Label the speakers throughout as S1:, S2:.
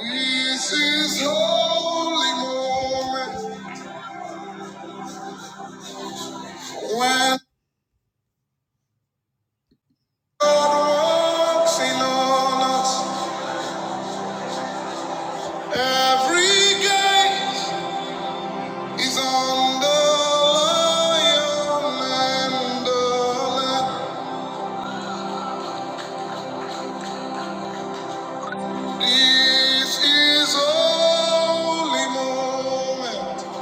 S1: This is holy moment when God walks in on us. Every gate is on the lion and the lamb. This is holy moment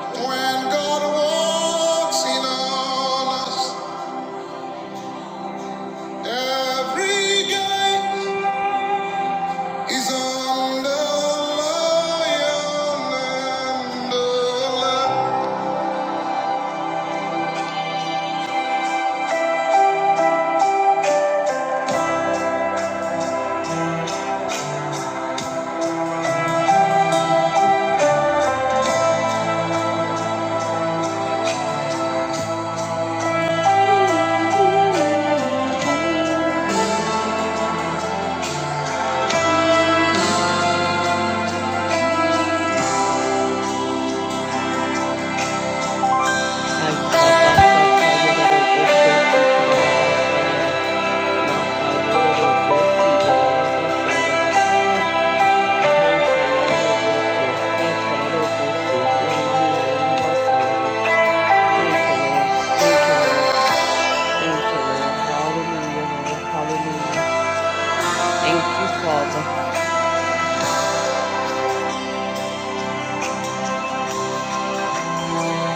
S1: when God walks in on us. Every gate. He's on the lion and the lamb.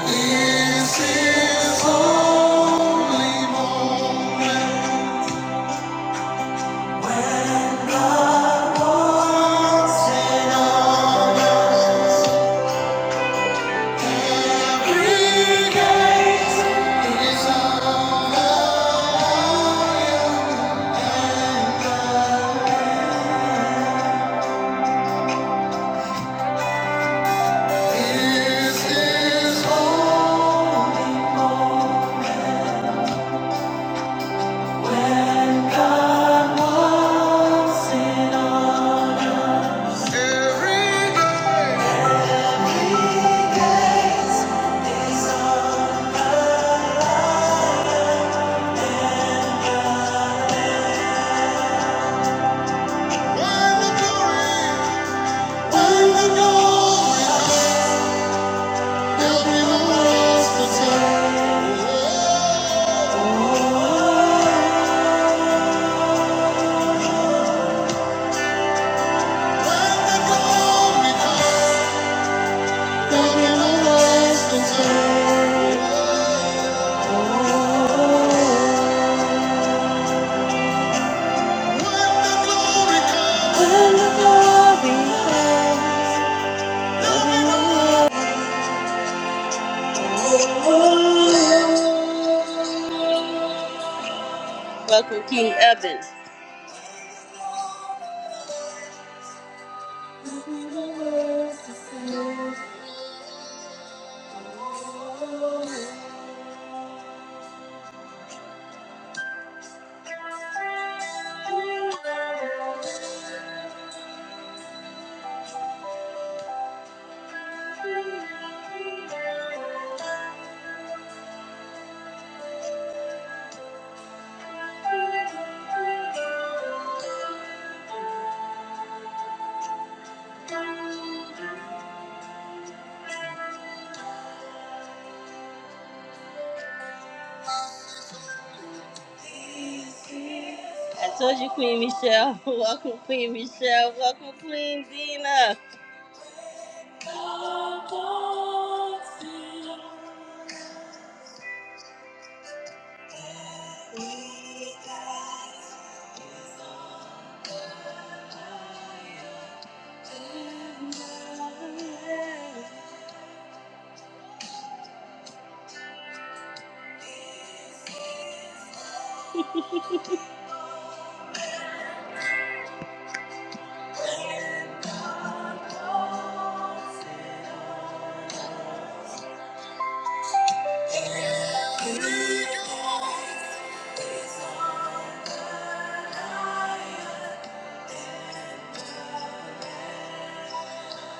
S1: This is holy. Welcome, King Evan. I told you, Queen Michelle. Welcome, Queen Michelle. Welcome, Queen Dina.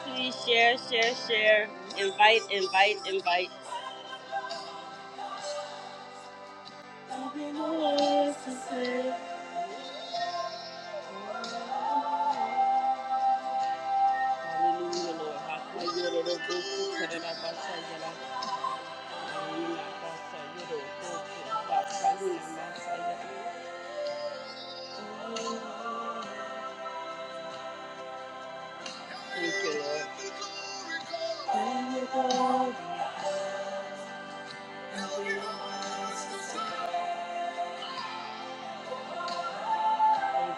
S1: Please share, share, share. Invite, invite, invite. Hallelujah, Lord. Thank you, Lord. Thank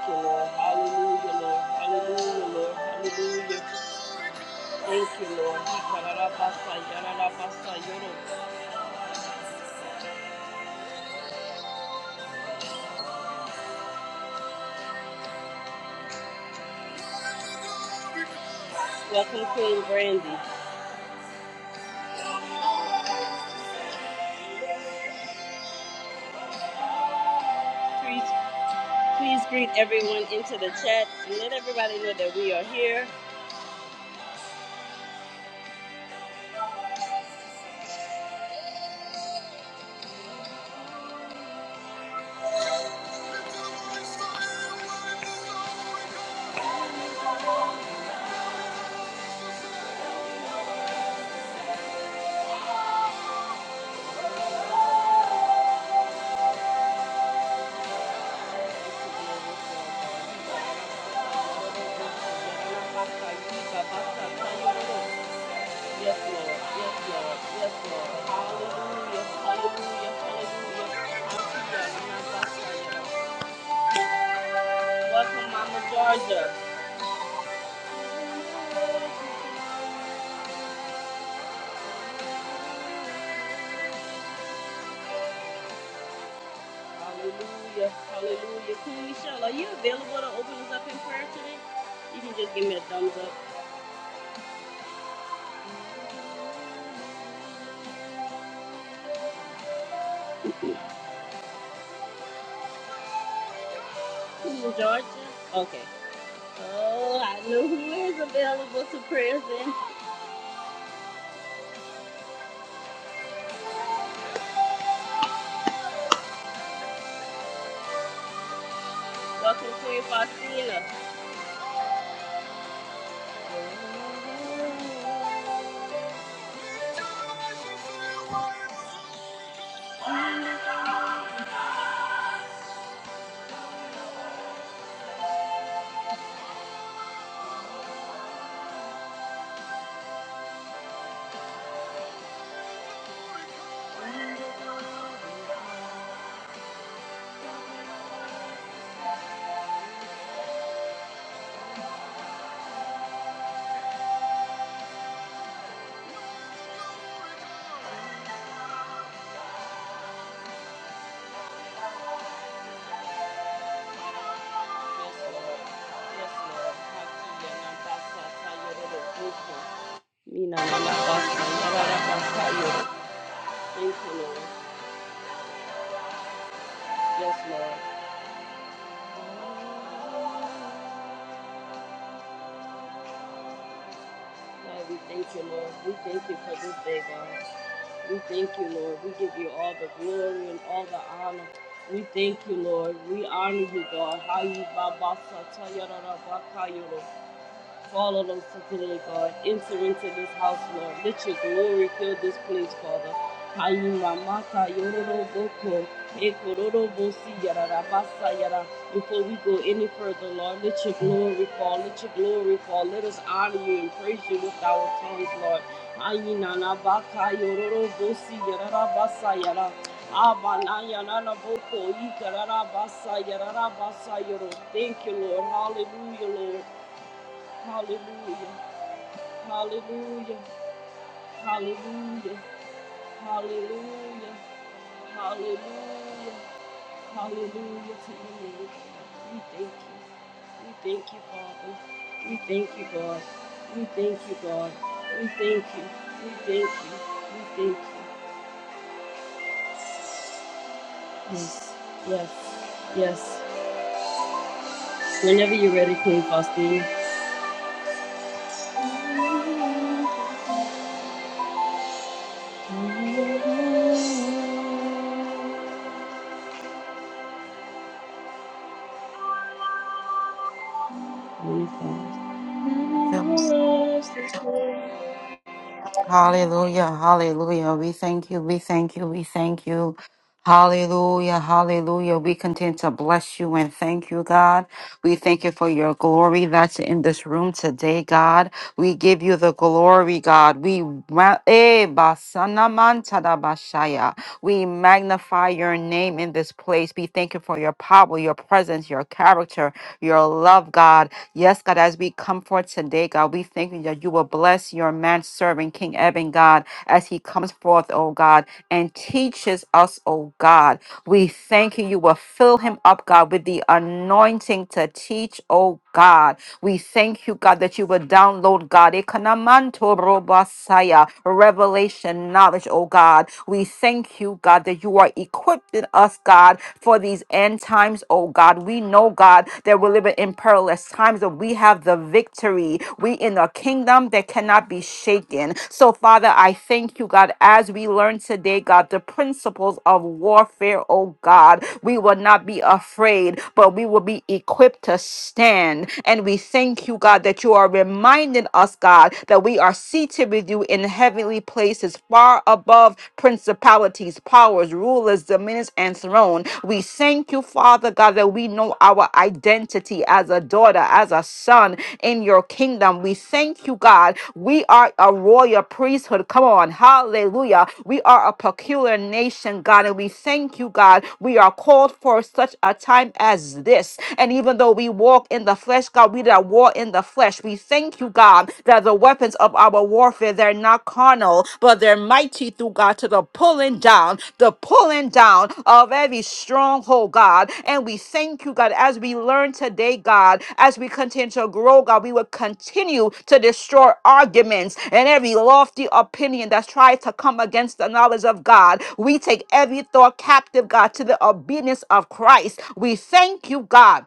S1: you, Lord. Hallelujah, Lord. Hallelujah, Lord. Hallelujah. Thank you, Lord. Welcome, Queen Brandy. Please, please greet everyone into the chat and let everybody know that we are here. Yes, Lord. Yes, Lord. Yes, Lord. Hallelujah. Hallelujah. Hallelujah. Welcome, Mama Georgia. Okay. Welcome, Queen Faustina. Yes, Lord. Yes, Lord. Hakiya nambasa tayoro Mina nambasa yarara Thank you, Lord. Yes, Lord. God, we thank you, Lord. We thank you for this day, God. We thank you, Lord. We give you all the glory and all the honor. We thank you, Lord. We honor you, God. How you
S2: Yes. Hallelujah, hallelujah. We thank you, we thank you, we thank you. Hallelujah, hallelujah. We continue to bless you and thank you, God. We thank you for your glory that's in this room today, God. We give you the glory, God. We ma- eh, basana mantada bashaya. we magnify your name in this place. We thank you for your power, your presence, your character, your love, God. Yes, God, as we come forth today, God, we thank you that you will bless your man servant, King Eben, God, as he comes forth, oh God, and teaches us, oh God. We thank you. You will fill him up, God, with the anointing to teach, oh God. We thank you, God, that you will download, God, Ekanamanto robasaya, revelation, knowledge, oh God. We thank you, God, that you are equipping us, God, for for these end times, oh God. We know, God, that we're living in perilous times, but we have the victory. We in a kingdom that cannot be shaken. So, Father, I thank you, God, as we learn today, God, the principles of warfare, oh God. We will not be afraid, but we will be equipped to stand. And we thank you, God, that you are reminding us, God, that we are seated with you in heavenly places, far above above principalities, powers, rulers, dominions, and throne. We thank you, Father God, that we know our identity as a daughter, as a son in your kingdom. We thank you, God. We are a royal priesthood. Come on. Hallelujah. We are a peculiar nation, God, and we thank you, God. We are called for such a time as this. And even though we walk in the flesh, God, we that war in the flesh. We thank you, God. God, that the weapons of our warfare, they're not carnal, but they're mighty through God to the pulling down, the pulling down of every stronghold, God. And we thank you, God, as we learn today, God, as we continue to grow, God, we will continue to destroy arguments and every lofty opinion that's tried to come against the knowledge of God. We take every thought captive, God, to the obedience of Christ. We thank you, God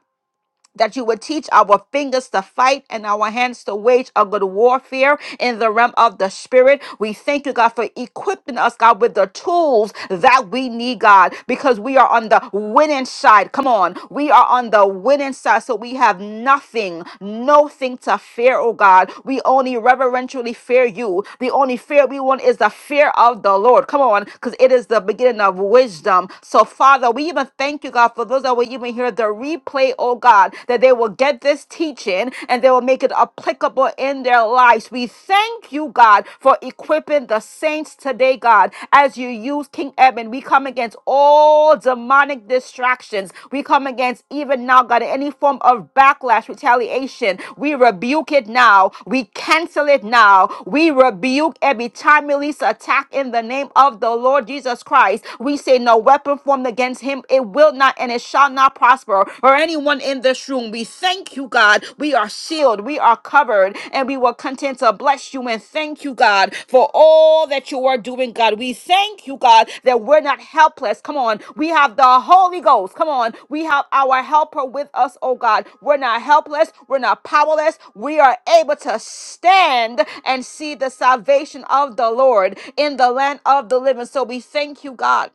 S2: that you would teach our fingers to fight and our hands to wage a good warfare in the realm of the spirit. We thank you, God, for equipping us, God, with the tools that we need, God, because we are on the winning side. Come on, we are on the winning side, so we have nothing, nothing to fear, oh God. We only reverentially fear you. The only fear we want is the fear of the Lord. Come on, because it is the beginning of wisdom. So, Father, we even thank you, God, for those that were even going hear the replay, oh God, that they will get this teaching and they will make it applicable in their lives. We thank you, God, for equipping the saints today, God, as you use King Edmund. We come against all demonic distractions. We come against even now, God, any form of backlash, retaliation. We rebuke it now. We cancel it now. We rebuke every time release attack in the name of the Lord Jesus Christ. We say no weapon formed against him him, it will not and it shall not prosper. Or anyone in this room, we thank you, God. We are shielded, we are covered, and we will continue to bless you and thank you, God, for all that you are doing, God. We thank you, God, that we're not helpless. Come on, we have the Holy Ghost. Come on, we have our helper with us, oh God. We're not helpless, we're not powerless. We are able to stand and see the salvation of the Lord in the land of the living. So we thank you, God.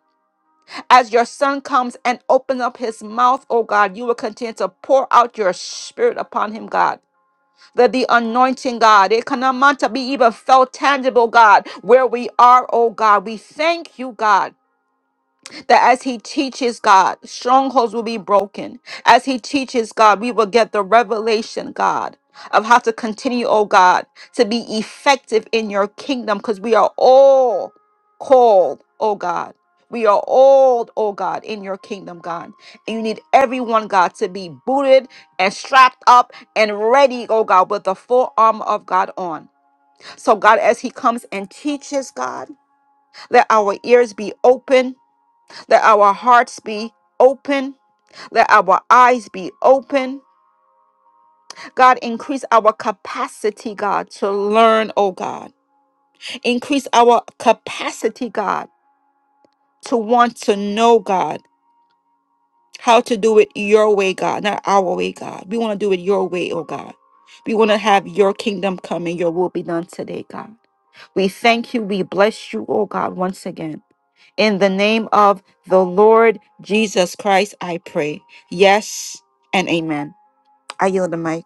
S2: As your son comes and opens up his mouth, oh God, you will continue to pour out your spirit upon him, God. That the anointing, God, it cannot amount to be even felt tangible, God, where we are, oh God. We thank you, God that as he teaches God, strongholds will be broken. As he teaches God, we will get the revelation, God, of how to continue, oh God, to be effective in your kingdom because we are all called, oh God. We are all, oh God, in your kingdom, God. And you need everyone, God, to be booted and strapped up and ready, oh God, with the full armor of God on. So, God, as He comes and teaches, God, let our ears be open let our hearts be open. Let our eyes be open. God, increase our capacity, God, to learn, oh God. Increase our capacity, God, to want to know, God, how to do it your way, God, not our way, God. We want to do it your way, oh God. We want to have your kingdom come and your will be done today, God. We thank you. We bless you, oh God, once again. In the name of the Lord Jesus Christ, I pray. Yes and amen. I yield the mic.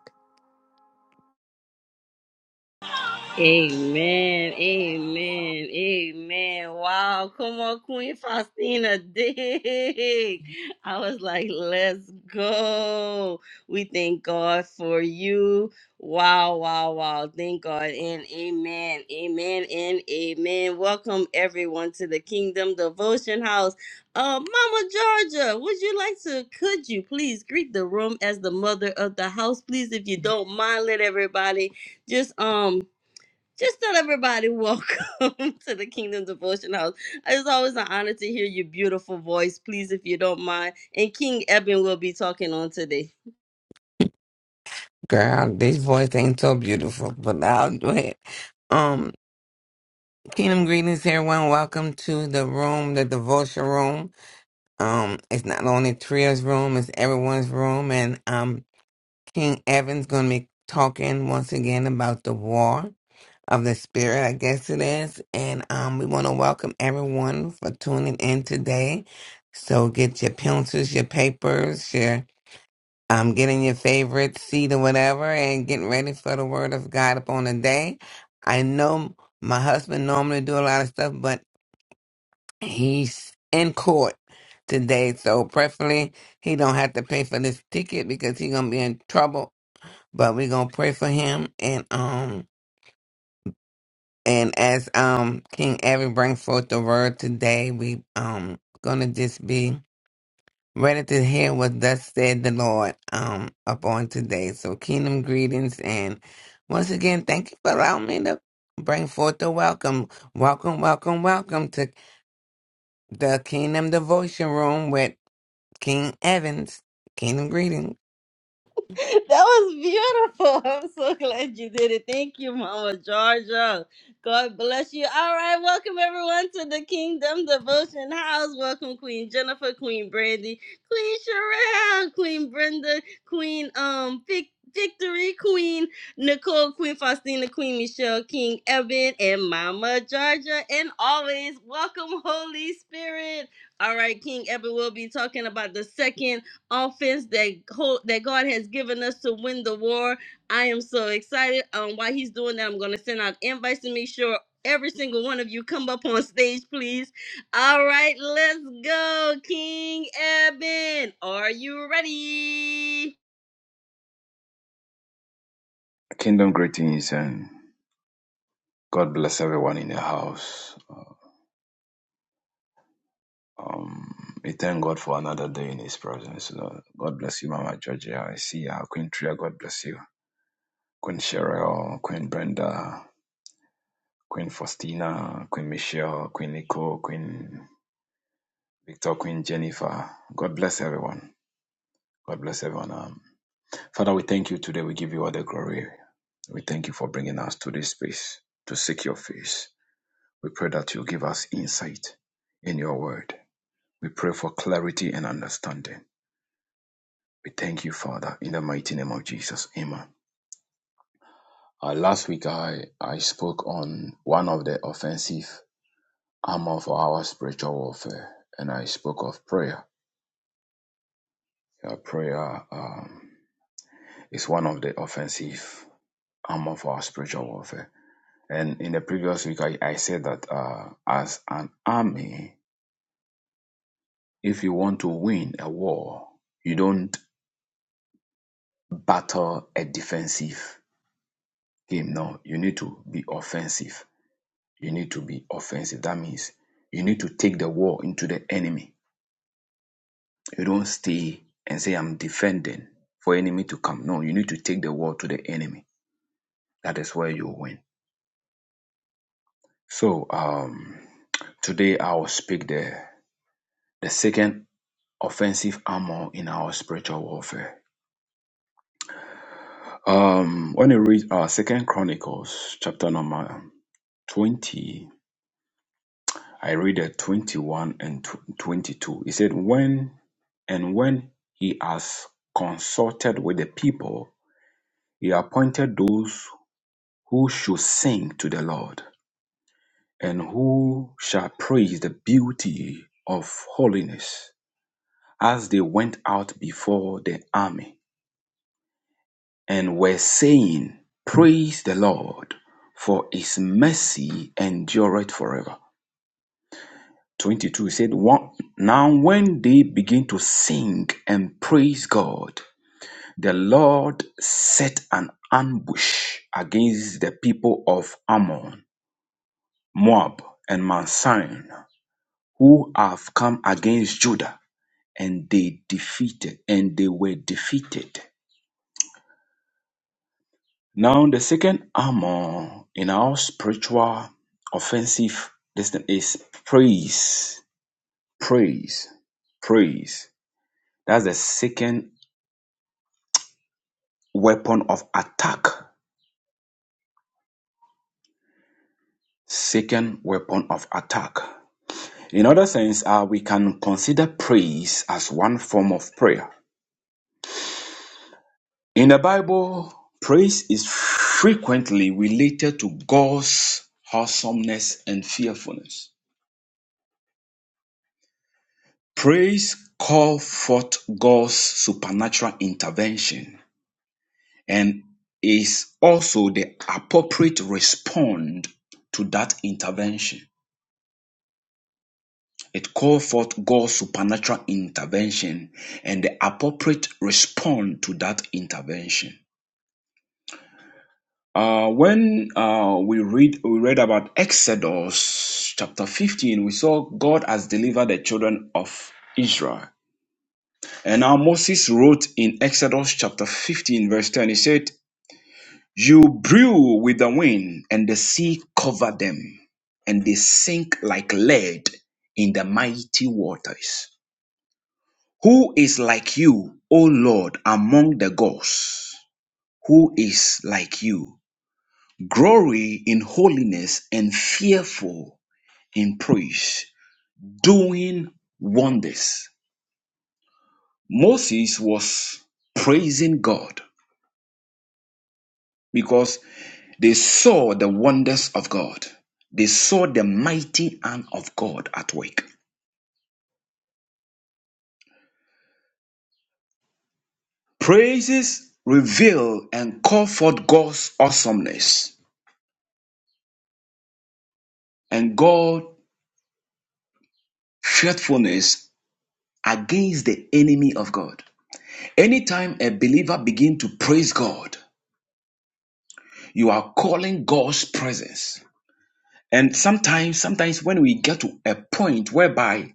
S1: Amen. Amen. Amen. Wow. Come on, Queen Faustina. Dig. I was like, let's go. We thank God for you. Wow. Wow. Wow. Thank God. And amen. Amen. And amen. Welcome everyone to the Kingdom Devotion House. Uh, Mama Georgia, would you like to, could you please greet the room as the mother of the house? Please, if you don't mind, let everybody just um just tell everybody welcome to the Kingdom Devotion House. It's always an honor to hear your beautiful voice. Please, if you don't mind, and King Eben will be talking on today.
S3: Girl, this voice ain't so beautiful, but I'll do it. Um, kingdom greetings, everyone. Welcome to the room, the devotion room. Um, it's not only Tria's room, it's everyone's room. And um, King Evan's going to be talking once again about the war of the spirit, I guess it is. And um, we want to welcome everyone for tuning in today. So get your pencils, your papers, I'm getting your favorite seed or whatever and getting ready for the word of God upon the day. I know my husband normally do a lot of stuff, but he's in court today, so preferably he don't have to pay for this ticket because he gonna be in trouble. But we gonna pray for him and um and as um King Evan brings forth the word today, we um gonna just be Ready to hear what thus said the Lord um upon today. So kingdom greetings and once again thank you for allowing me to bring forth the welcome. Welcome, welcome, welcome to the Kingdom Devotion Room with King Evans. Kingdom greetings.
S1: That was beautiful. I'm so glad you did it. Thank you, Mama Georgia. God bless you. All right, welcome everyone to the Kingdom Devotion House. Welcome, Queen Jennifer, Queen Brandy, Queen Sherelle, Queen Brenda, Queen um Vic- Victory, Queen Nicole, Queen Faustina, Queen Michelle, King Evan, and Mama Georgia. And always welcome, Holy Spirit. All right, King Evan will be talking about the second offense that ho- that God has given us to win the war. I am so excited. Um, while he's doing that, I'm going to send out invites to make sure every single one of you come up on stage, please. All right, let's go, King Eben. Are you ready?
S4: Kingdom greetings and God bless everyone in the house. Uh, Um, we thank God for another day in His presence. Lord. God bless you, Mama Georgia. I see you, Queen Tria. God bless you, Queen Cheryl, Queen Brenda, Queen Faustina, Queen Michelle, Queen Nicole, Queen Victor, Queen Jennifer. God bless everyone. God bless everyone. Um, Father, we thank you today. We give you all the glory. We thank you for bringing us to this space to seek your face. We pray that you give us insight in your word. We pray for clarity and understanding. We thank you, Father, in the mighty name of Jesus. Amen. Uh, last week, I, I spoke on one of the offensive armor for our spiritual warfare, and I spoke of prayer. Yeah, prayer um, is one of the offensive armor for our spiritual warfare. And in the previous week, I, I said that uh, as an army, if you want to win a war, you don't battle a defensive game. No, you need to be offensive. You need to be offensive. That means you need to take the war into the enemy. You don't stay and say, I'm defending for enemy to come. No, you need to take the war to the enemy. That is where you win. So um, today I will speak the, the second offensive armor in our spiritual warfare. Um, when you read uh, Second Chronicles chapter number 20, I read at 21 and 22. He said, When and when he has consulted with the people, he appointed those who should sing to the Lord and who shall praise the beauty of holiness as they went out before the army and were saying, Praise the Lord, for his mercy endureth forever. 22 said one now when they begin to sing and praise god the lord set an ambush against the people of ammon moab and mount Sinai, who have come against judah and they defeated and they were defeated now the second armor in our spiritual offensive destiny is praise praise praise that's the second weapon of attack. Second weapon of attack. In other sense, uh, we can consider praise as one form of prayer. In the Bible, praise is frequently related to God's awesomeness and fearfulness. Praise call forth God's supernatural intervention and is also the appropriate response to that intervention. It called forth God's supernatural intervention and the appropriate response to that intervention. Uh, when uh, we read we read about Exodus chapter 15, we saw God has delivered the children of Israel. And now Moses wrote in Exodus chapter 15, verse 10, he said, You blew with the wind, and the sea covered them, and they sink like lead in the mighty waters. Who is like you, O Lord, among the gods? Who is like you? Glory in holiness and fearful in praise, doing wonders. Moses was praising God because they saw the wonders of God. They saw the mighty hand of God at work. Praises reveal and call forth God's awesomeness and God's faithfulness against the enemy of God. Anytime a believer begins to praise God, you are calling God's presence. And sometimes, sometimes when we get to a point whereby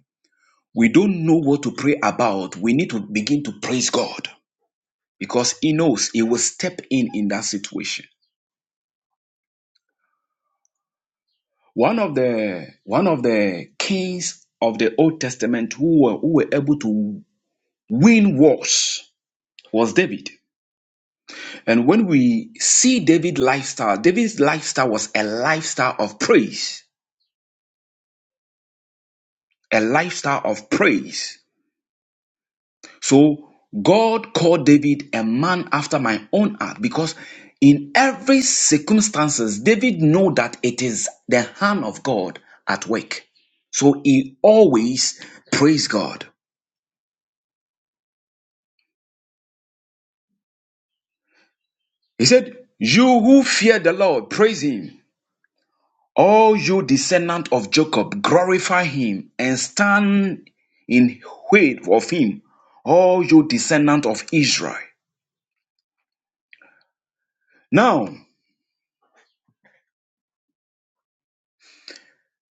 S4: we don't know what to pray about, we need to begin to praise God because He knows He will step in in that situation. One of the one of the kings of the Old Testament who were, who were able to win wars was David. And when we see David's lifestyle, David's lifestyle was a lifestyle of praise, a lifestyle of praise. So God called David a man after my own heart because in every circumstances, David know that it is the hand of God at work. So he always praised God. He said, you who fear the Lord, praise him. All you descendant of Jacob, glorify him and stand in wait of him, all you descendant of Israel. Now,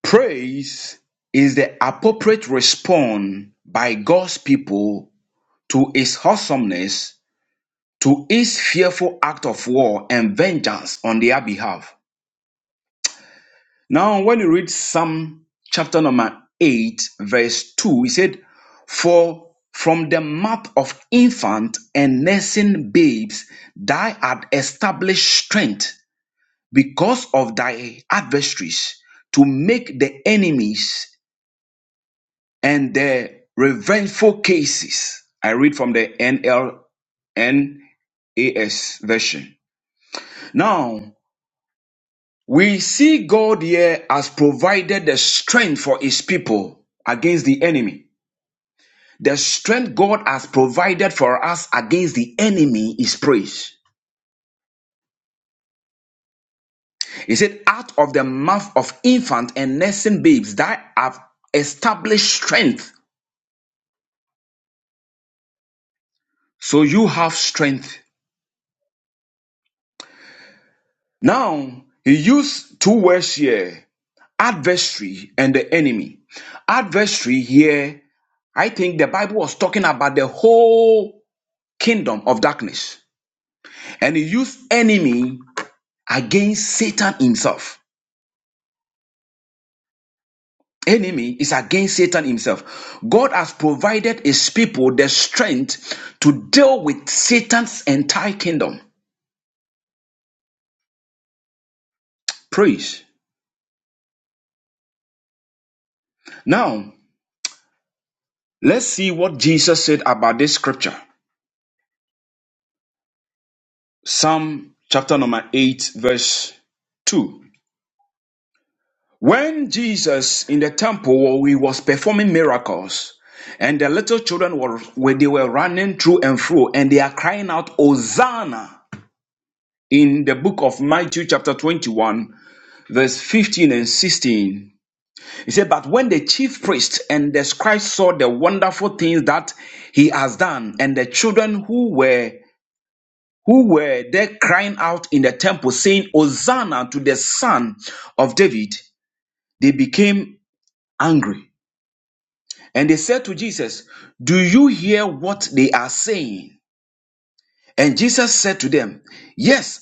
S4: praise is the appropriate response by God's people to his awesomeness, to his fearful act of war and vengeance on their behalf. Now, when you read Psalm chapter number 8, verse 2, he said, For from the mouth of infant and nursing babes, thou art established strength because of thy adversaries to make the enemies and the revengeful cases. I read from the NLNAS version. Now, We see God here as provided the strength for his people against the enemy. The strength God has provided for us against the enemy is praise. He said, out of the mouth of infant and nursing babes that have established strength. So you have strength. Now, he used two words here, adversary and the enemy. Adversary here, I think the Bible was talking about the whole kingdom of darkness And he used enemy against Satan himself. Enemy is against Satan himself. God has provided his people the strength to deal with Satan's entire kingdom. Praise. Now, let's see what Jesus said about this scripture. Psalm chapter number 8, verse 2. When Jesus in the temple he was performing miracles, and the little children were where they were running through and through, and they are crying out, Hosanna. in the book of Matthew, chapter 21, verse 15 and 16. He said, But when the chief priests and the scribes saw the wonderful things that he has done, and the children who were who were there crying out in the temple, saying, Hosanna to the son of David, they became angry. And they said to Jesus, Do you hear what they are saying? And Jesus said to them, Yes,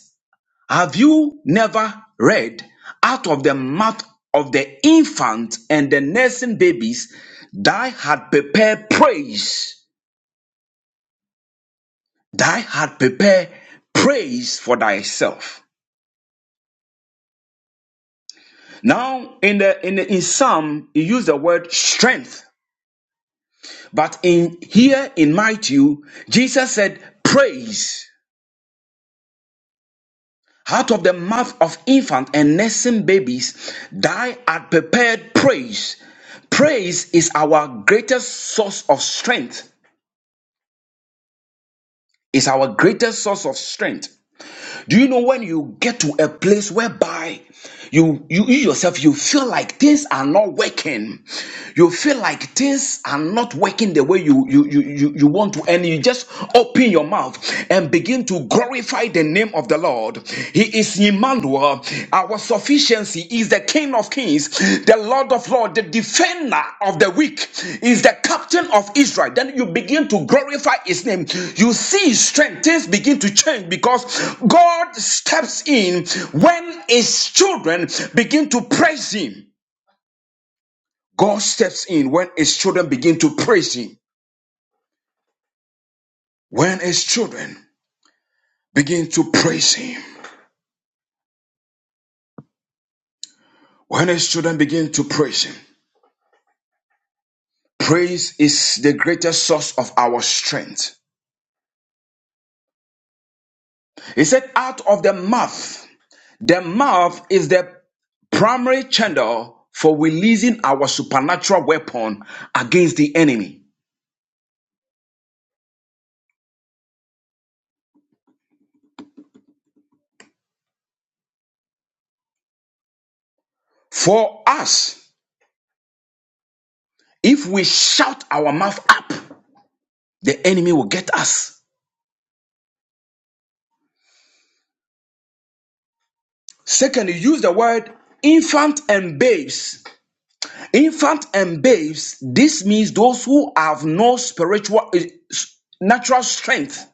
S4: Have you never read out of the mouth of the infant and the nursing babies, thy had prepared praise, thy had prepared praise for thyself. Now in the in the, in Psalm, he used the word strength, but in here in Matthew, Jesus said praise. Out of the mouth of infant and nursing babies, thou art prepared praise. Praise is our greatest source of strength. Is our greatest source of strength. Do you know when you get to a place whereby you, you you yourself you feel like things are not working, you feel like things are not working the way you you you you, you want to, and you just open your mouth and begin to glorify the name of the Lord. He is Emmanuel, our sufficiency is the King of Kings, the Lord of Lords, the defender of the weak, is the captain of Israel. Then you begin to glorify his name. You see his strength, things begin to change because God steps in when his children begin to praise him. God steps in when his children begin to praise him. When his children begin to praise him. When his children begin to praise him. Praise is the greatest source of our strength. He said, out of the mouth, the mouth is the primary channel for releasing our supernatural weapon against the enemy. For us, if we shout our mouth up, the enemy will get us. Secondly, use the word infant and babes. Infant and babes, this means those who have no spiritual, eh, natural strength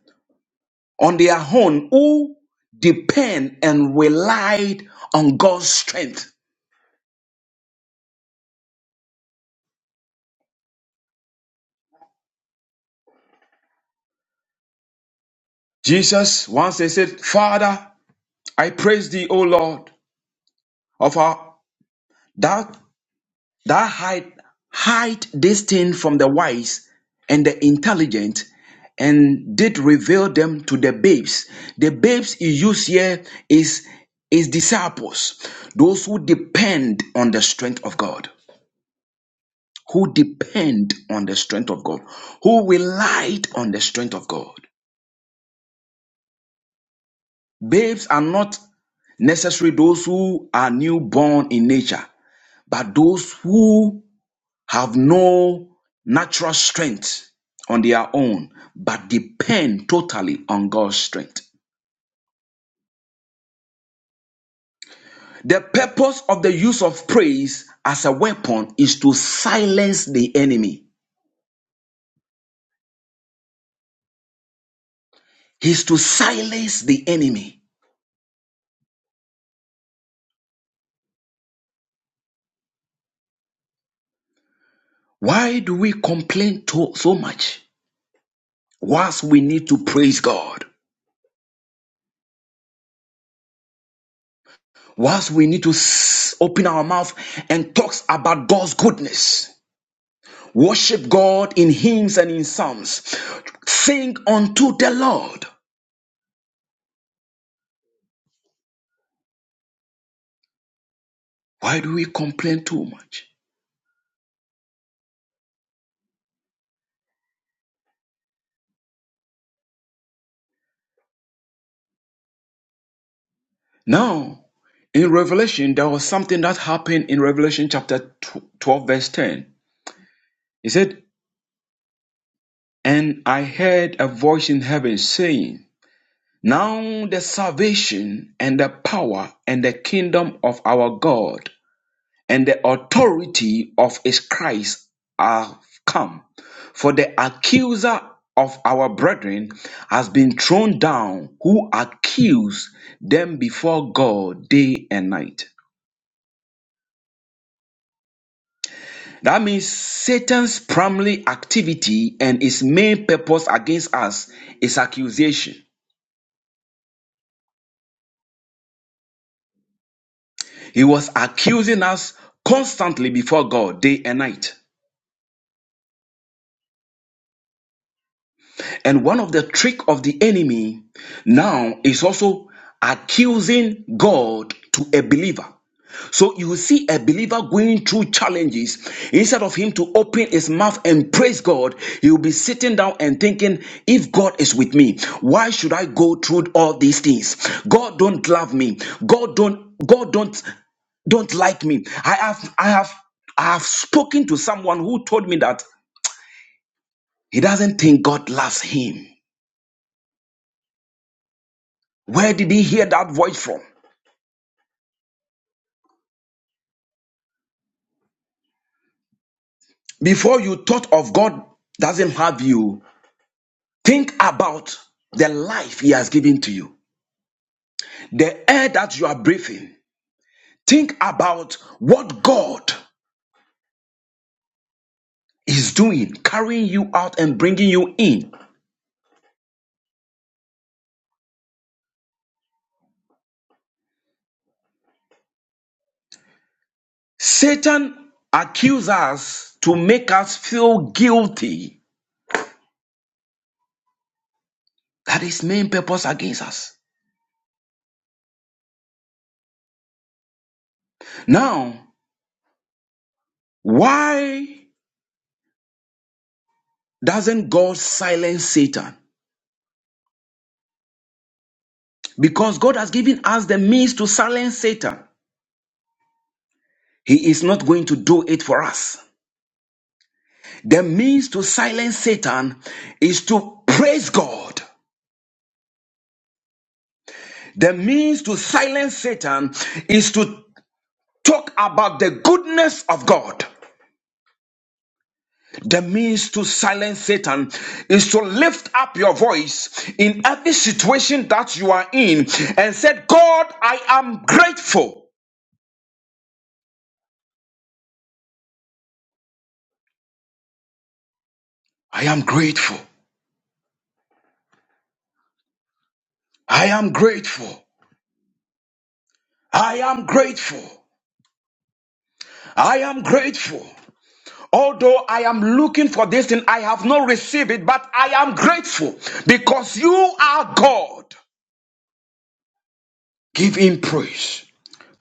S4: on their own who depend and relied on God's strength. Jesus once they said, Father, I praise thee, O Lord, of our that that hide hide this thing from the wise and the intelligent and did reveal them to the babes. The babes he used here is is disciples, those who depend on the strength of God. who depend on the strength of God, who relied on the strength of God. Babes are not necessarily those who are newborn in nature, but those who have no natural strength on their own, but depend totally on God's strength. The purpose of the use of praise as a weapon is to silence the enemy. Is to silence the enemy. Why do we complain to- so much? Whilst we need to praise God, whilst we need to open our mouth and talk about God's goodness, worship God in hymns and in psalms, sing unto the Lord. Why do we complain too much? Now, in Revelation, there was something that happened in Revelation chapter 12, verse 10. He said, And I heard a voice in heaven saying, Now the salvation and the power and the kingdom of our God and the authority of his Christ have come. For the accuser of our brethren has been thrown down, who accused them before God day and night. That means Satan's primary activity and his main purpose against us is accusation. He was accusing us constantly before God day and night. And one of the trick of the enemy now is also accusing God to a believer. So you see a believer going through challenges. Instead of him to open his mouth and praise God, he will be sitting down and thinking, if God is with me, why should I go through all these things? God don't love me. God don't God don't don't like me. I have I have I have spoken to someone who told me that he doesn't think God loves him. Where did he hear that voice from? Before you thought of God doesn't have you, think about the life he has given to you, the air that you are breathing. Think about what God is doing, carrying you out and bringing you in. Satan accuses us to make us feel guilty. That is main purpose against us. Now, why doesn't God silence Satan? Because God has given us the means to silence Satan, He is not going to do it for us. The means to silence Satan is to praise God. The means to silence Satan is to talk about the goodness of God. The means to silence Satan is to lift up your voice in every situation that you are in and said, God, I am grateful. I am grateful. I am grateful. I am grateful. I am grateful. Although I am looking for this thing, I have not received it, but I am grateful because you are God. Give him praise.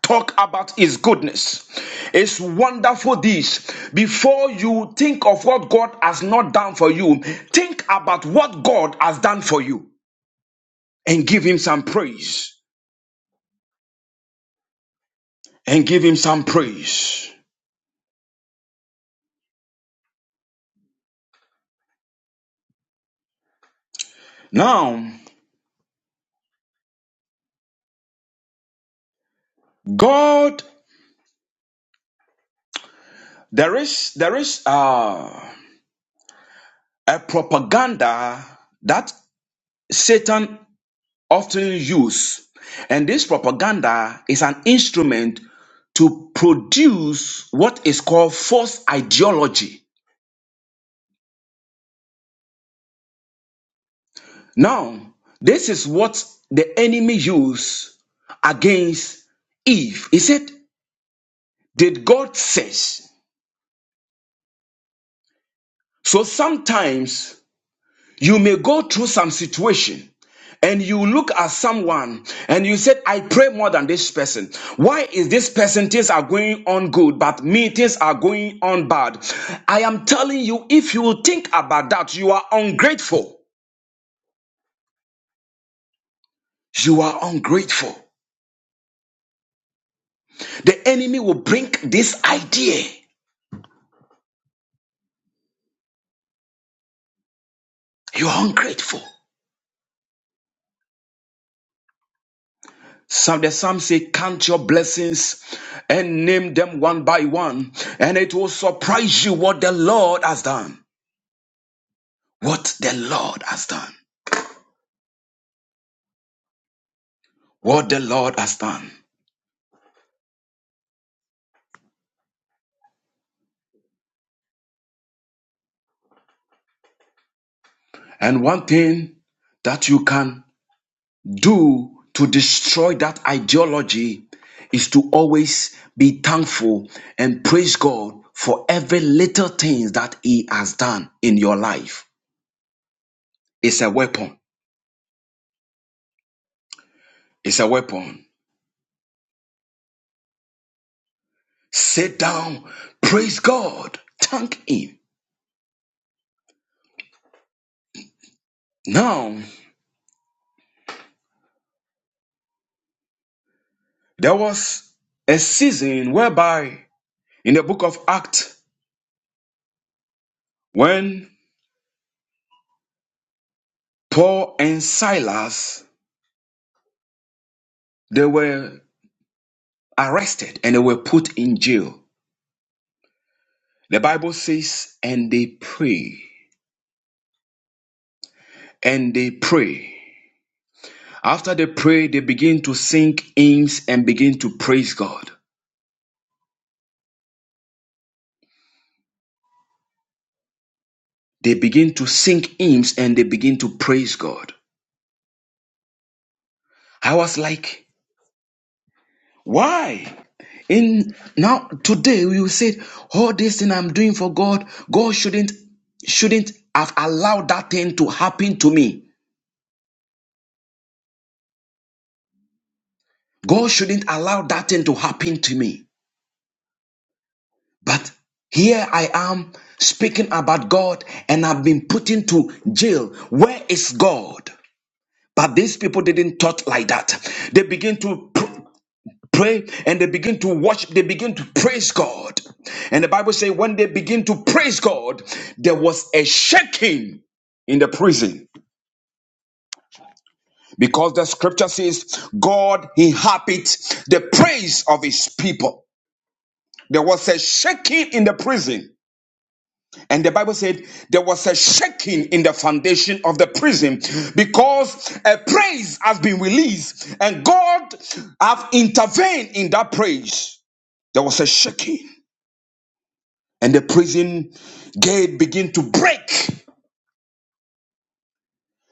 S4: Talk about his goodness. It's wonderful this. Before you think of what God has not done for you, think about what God has done for you and give him some praise. And give him some praise. Now, God, there is, there is, uh, a propaganda that Satan often uses, And this propaganda is an instrument to produce what is called false ideology. Now, this is what the enemy used against Eve. He said, Did God says? So sometimes You may go through some situation and you look at someone and you said, I pray more than this person. Why is this person things are going on good, but me things are going on bad? I am telling you, if you think about that, you are ungrateful. You are ungrateful. The enemy will bring this idea. You are ungrateful. Some the psalm say, Count your blessings and name them one by one, and it will surprise you what the Lord has done. what the Lord has done. What the Lord has done. And one thing that you can do to destroy that ideology is to always be thankful and praise God for every little thing that He has done in your life. It's a weapon. It's a weapon. Sit down, praise God, thank Him. Now, there was a season whereby in the book of Acts, when Paul and Silas, they were arrested and they were put in jail. The Bible says, and they pray, and they pray. After they pray, they begin to sing hymns and begin to praise God. They begin to sing hymns and they begin to praise God. I was like, why? In now today we will say all this thing I'm doing for God, God shouldn't shouldn't have allowed that thing to happen to me. God shouldn't allow that thing to happen to me. But here I am speaking about God and I've been put into jail. Where is God? But these people didn't thought like that. They begin to pr- pray and they begin to watch, they begin to praise God. And the Bible says, when they begin to praise God, there was a shaking in the prison because the scripture says, God inhabits the praise of his people. There was a shaking in the prison. And the Bible said there was a shaking in the foundation of the prison because a praise has been released and God have intervened in that praise. There was a shaking and the prison gate began to break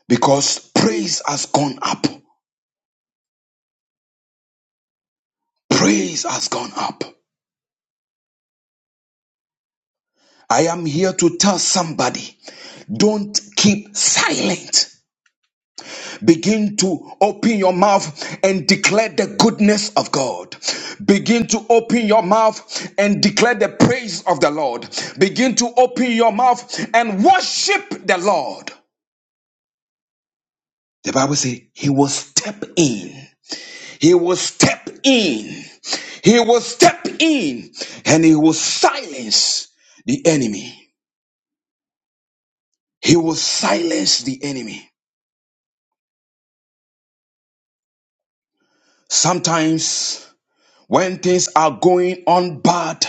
S4: because praise has gone up. Praise has gone up. I am here to tell somebody don't keep silent. Begin to open your mouth and declare the goodness of God. Begin to open your mouth and declare the praise of the Lord. Begin to open your mouth and worship the Lord. The Bible says he will step in. He will step in. He will step in and he will silence the enemy. He will silence the enemy. Sometimes When things are going on bad,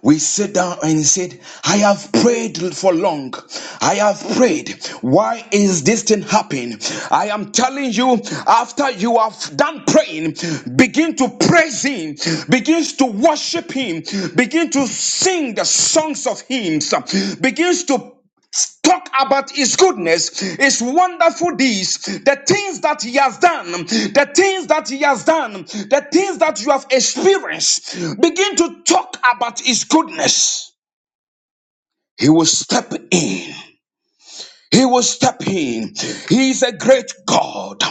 S4: we sit down and he said, I have prayed for long. I have prayed. Why is this thing happening? I am telling you, after you have done praying, begin to praise him, begins to worship him, begin to sing the songs of hymns, begins to talk about his goodness, his wonderful deeds, the things that he has done, the things that he has done, the things that you have experienced. Begin to talk about his goodness. He will step in. He will step in. He is a great God.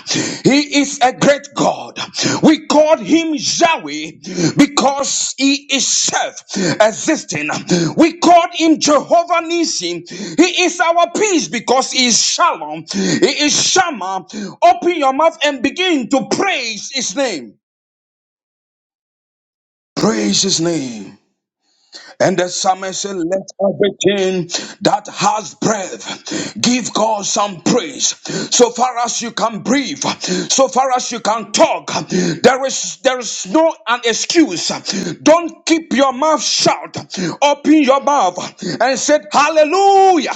S4: He is a great God. We call him Yahweh because he is self-existing. We call him Jehovah Nissi. He is our peace because he is Shalom. He is Shama. Open your mouth and begin to praise his name. Praise his name. And the psalmist said, Let everything that has breath give God some praise. So far as you can breathe, so far as you can talk, there is there is no an excuse. Don't keep your mouth shut. Open your mouth and say hallelujah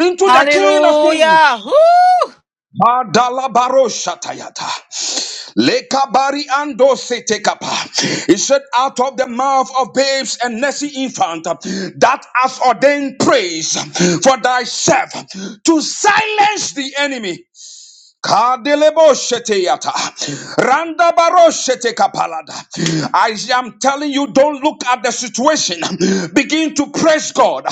S4: into the King of Kings.
S2: Hallelujah. Woo!
S4: Adalabaroshatayata. Lekabari ando se tekapa. He said, out of the mouth of babes and nursing infant, that has ordained praise for thyself to silence the enemy. Kadelebo sheteyata. Randabaro shetekapalada. I am telling you, don't look at the situation. Begin to praise God.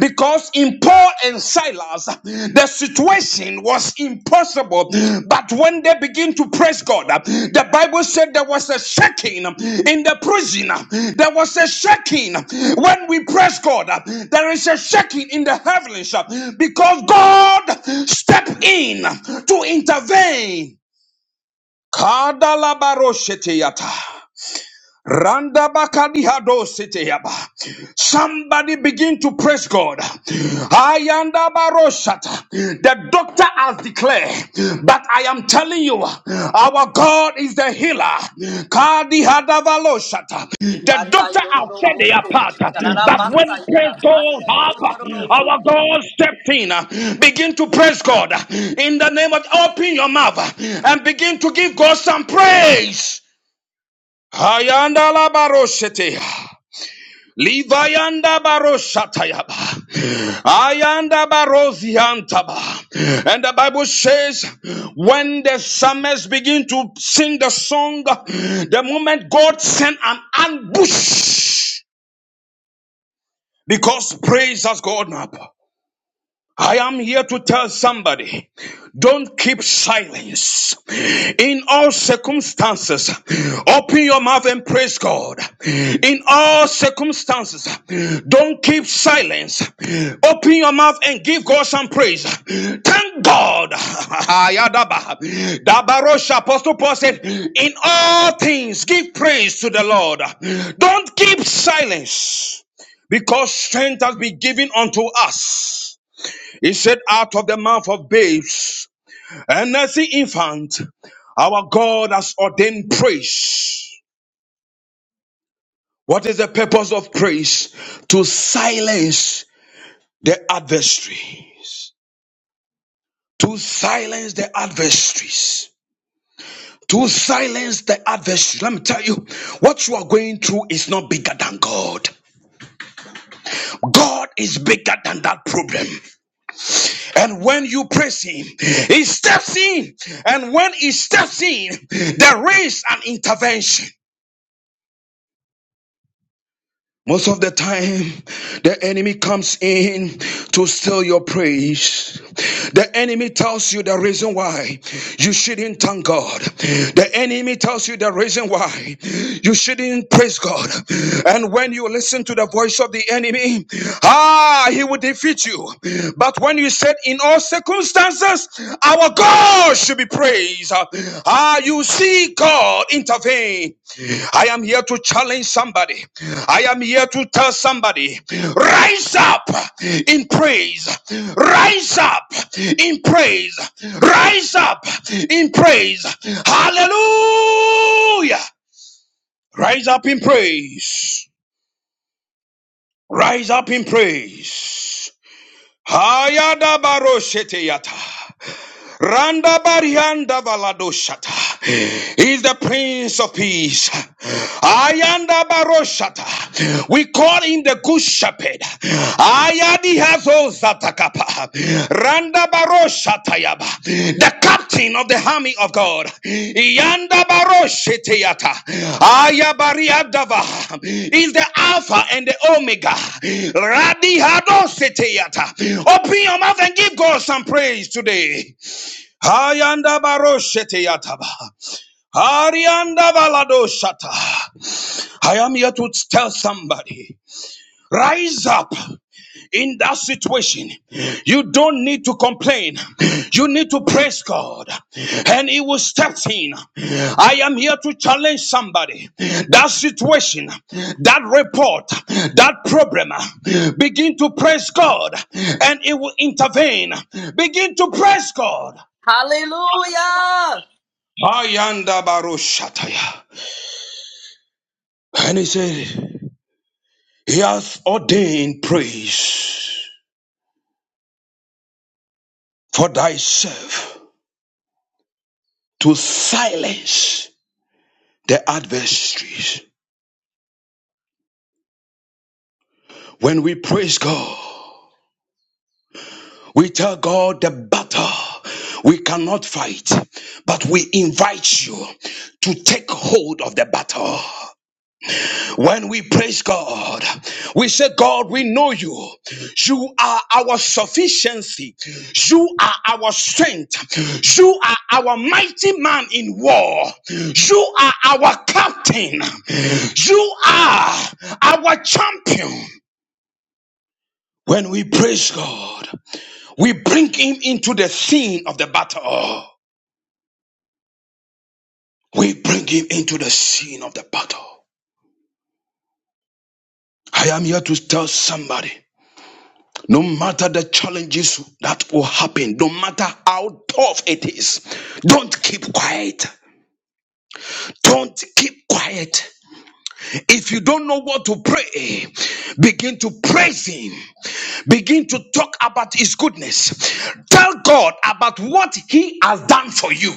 S4: Because in Paul and Silas, the situation was impossible, but when they begin to praise God, uh, the Bible said there was a shaking um, in the prison. uh, There was a shaking when we praise God. uh, There is a shaking in the heavens uh, because God stepped in to intervene. Kadalabarosheteyata. Randa bakadihado siteyaba. Somebody begin to praise God. Ayanda baroshata. The doctor has declared, but I am telling you, our God is the healer. Kadi hadavaloshata. The doctor has said they are part, but when praise God, Abba, our God stepped in. Begin to praise God in the name of. Open your mouth and begin to give God some praise. Ayanda la baroshete. Livayanda baroshatayaba. Ayanda baroziantaba. And the Bible says, when the psalmist begin to sing the song, the moment God sent an ambush, because praise has gone up. I am here to tell somebody, don't keep silence. In all circumstances, open your mouth and praise God. In all circumstances, don't keep silence. Open your mouth and give God some praise. Thank God. Ayadaba. Dabarosha. Apostle Paul said, in all things, give praise to the Lord. Don't keep silence because strength has been given unto us he said, Out of the mouth of babes and nursing infant, our God has ordained praise. What is the purpose of praise? To silence the adversaries. To silence the adversaries. To silence the adversaries. Let me tell you, what you are going through is not bigger than God. God is bigger than that problem. And when you praise him, he steps in. And when he steps in, there is an intervention. Most of the time, the enemy comes in to steal your praise. The enemy tells you the reason why you shouldn't thank God. The enemy tells you the reason why you shouldn't praise God. And when you listen to the voice of the enemy, ah, he will defeat you. But when you said, in all circumstances, our God should be praised, ah, you see God intervene. I am here to challenge somebody. I am here to tell somebody, rise up in praise. Rise up in praise. Rise up in praise. Hallelujah. Rise up in praise. Rise up in praise. Hayada baro shete yata. Randa Barianda Valadoshata He is the Prince of Peace. Ayanda Baroshata. We call him the Good Shepherd. Ayadi Hazo Zatakapa. Randa Baroshata Yaba. The captain of the army of God. Yanda Barosheteyata. Ayabariadava He is the Alpha and the Omega. Radi Hadosheteyata. Open your mouth and give God some praise today. Hayanda baroshete yataba. Arianda balado shata. I am here to tell somebody. Rise up in that situation. You don't need to complain. You need to praise God and He will step in. I am here to challenge somebody. That situation, that report, that problem, begin to praise God and He will intervene. Begin to praise God.
S1: Hallelujah!
S4: Ayanda baro shataya. And he said, He hath ordained praise for thyself to silence the adversaries. When we praise God, we tell God the battle we cannot fight, but we invite you to take hold of the battle. When we praise God, we say, God, we know you. You are our sufficiency. You are our strength. You are our mighty man in war. You are our captain. You are our champion. When we praise God, we bring him into the scene of the battle. We bring him into the scene of the battle. I am here to tell somebody. No matter the challenges that will happen, no matter how tough it is, don't keep quiet. Don't keep quiet. If you don't know what to pray, begin to praise Him. Begin to talk about His goodness. Tell God about what He has done for you.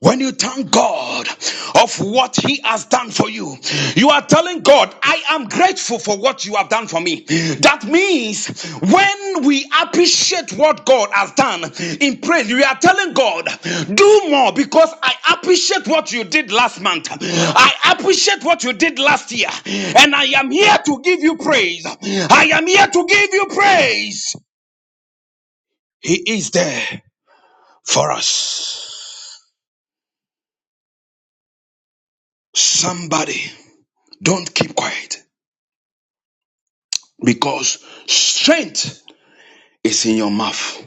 S4: When you thank God of what He has done for you, you are telling God, I am grateful for what you have done for me. That means when we appreciate what God has done in praise, we are telling God, do more because I appreciate what you did last month. I appreciate what you did last year. And I am here to give you praise. I am here to give you praise. He is there for us. Somebody, don't keep quiet. because strength is in your mouth.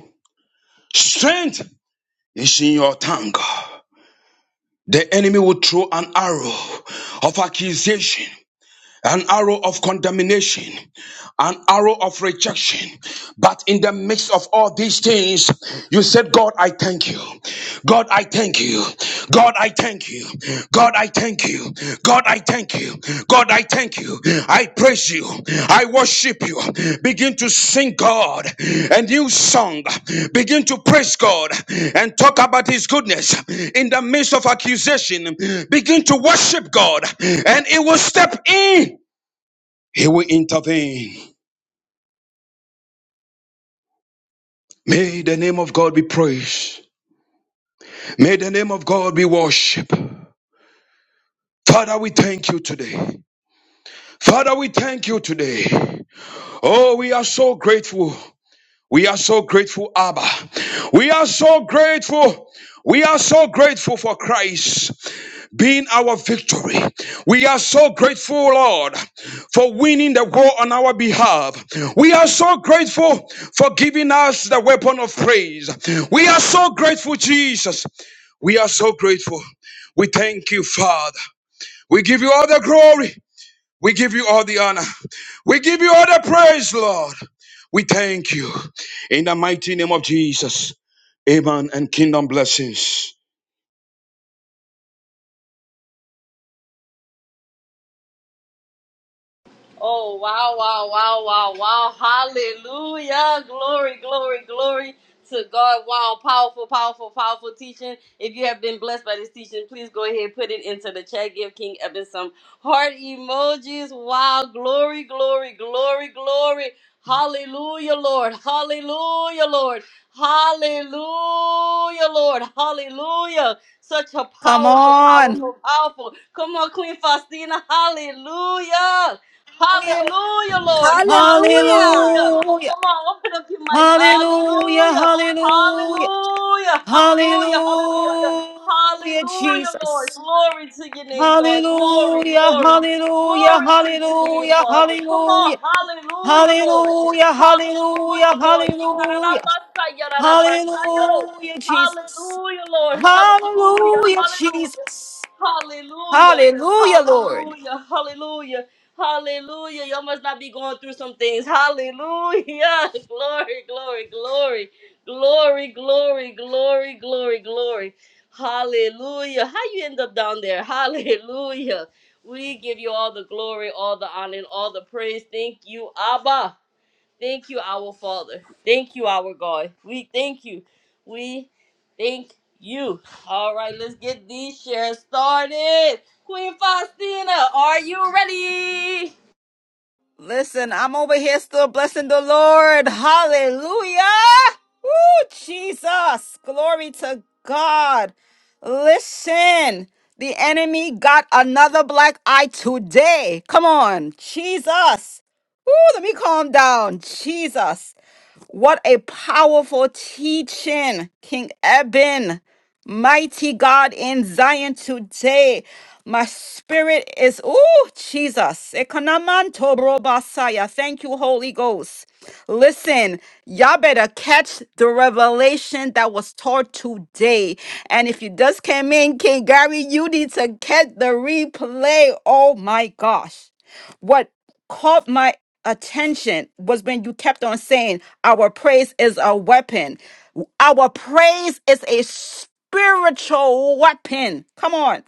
S4: Strength is in your tongue. The enemy will throw an arrow of accusation, an arrow of condemnation, an arrow of rejection. But in the midst of all these things, you said, God, I thank you. God, I thank you. God, I thank you. God, I thank you. God, I thank you. God, I thank you. I praise you. I worship you. Begin to sing God a new song. Begin to praise God and talk about His goodness in the midst of accusation. Begin to worship God and it will step in. He will intervene. May the name of God be praised. May the name of God be worshipped. Father, we thank you today. Father, we thank you today. Oh, we are so grateful. We are so grateful, Abba. We are so grateful. We are so grateful for Christ. being our victory. We are so grateful, Lord, for winning the war on our behalf. We are so grateful for giving us the weapon of praise. We are so grateful, Jesus. We are so grateful. We thank you, Father. We give you all the glory. We give you all the honor. We give you all the praise, Lord. We thank you. In the mighty name of Jesus. Amen and kingdom blessings.
S1: Oh, wow, wow, wow, wow, wow. Hallelujah. Glory, glory, glory to God. Wow, powerful, powerful, powerful teaching. If you have been blessed by this teaching, please go ahead and put it into the chat. Give King Eben some heart emojis. Wow, glory, glory, glory, glory. Hallelujah, Lord. Hallelujah, Lord. Hallelujah, Lord. Hallelujah. Such a
S2: Come
S1: powerful,
S2: on.
S1: powerful, powerful. Come on, Queen Faustina. Hallelujah. Hallelujah, Lord.
S5: Hallelujah.
S1: Hallelujah.
S2: Hallelujah.
S1: Come on, open up your minds.
S2: Hallelujah.
S1: Hallelujah.
S2: Hallelujah.
S1: Hallelujah. Hallelujah. Hallelujah.
S2: Hallelujah,
S1: Hallelujah, Lord.
S2: Jesus.
S1: Glory to your name, God. Glory,
S2: Hallelujah.
S1: glory.
S2: Hallelujah.
S1: Glory to your name,
S2: Hallelujah.
S1: Father. Come
S2: Hallelujah.
S1: on. Hallelujah, Lord.
S2: Hallelujah, hallelujah,
S1: Hallelujah, Lord.
S2: hallelujah,
S1: Yikarabasa, yararabasa, yoro.
S2: hallelujah, Jesus.
S1: Hallelujah, Lord. Hallelujah.
S2: Hallelujah,
S1: Hallelujah.
S2: Jesus.
S1: Hallelujah.
S2: Hallelujah, Lord.
S1: Hallelujah. Hallelujah. Hallelujah. Y'all must not be going through some things. Hallelujah. Glory, glory, glory, glory, glory, glory, glory, glory. Hallelujah. How you end up down there? Hallelujah. We give you all the glory, all the honor, and all the praise. Thank you, Abba. Thank you, our Father. Thank you, our God. We thank you. We thank you. All right, let's get these shares started. Queen Faustina, are you ready?
S2: Listen, I'm over here still blessing the Lord. Hallelujah. Woo, Jesus. Glory to God. Listen, the enemy got another black eye today. Come on, Jesus. Woo, let me calm down. Jesus. What a powerful teaching, King Eben. Mighty God in Zion today. My spirit is, oh, Jesus. Ekonamanto robasaya. Thank you, Holy Ghost. Listen, y'all better catch the revelation that was taught today. And if you just came in, King Gary, you need to catch the replay. Oh, my gosh. What caught my attention was when you kept on saying our praise is a weapon. Our praise is a spiritual weapon. Come on.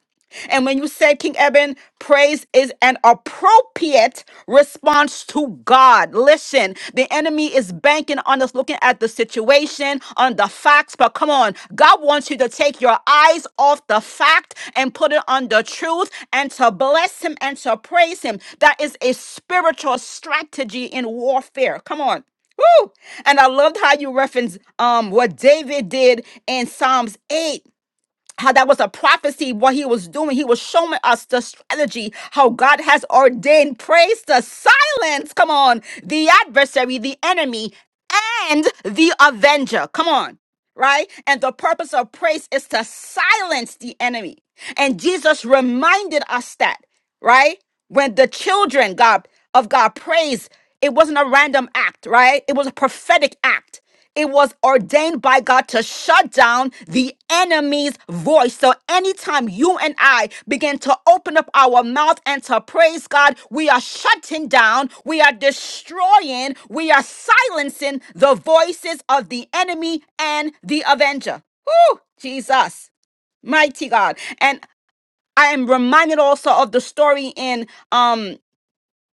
S2: And when you said, King Eben, praise is an appropriate response to God. Listen, the enemy is banking on us looking at the situation, on the facts, but come on, God wants you to take your eyes off the fact and put it on the truth and to bless Him and to praise Him. That is a spiritual strategy in warfare. Come on. Woo! And I loved how you referenced um what David did in Psalms 8 how that was a prophecy what he was doing he was showing us the strategy how god has ordained praise to silence come on the adversary the enemy and the avenger come on right and the purpose of praise is to silence the enemy and jesus reminded us that right when the children god of god praised it wasn't a random act right it was a prophetic act it was ordained by god to shut down the enemy's voice. So anytime you and I begin to open up our mouth and to praise God, we are shutting down, we are destroying, we are silencing the voices of the enemy and the avenger. Woo! Jesus, mighty God. And I am reminded also of the story in um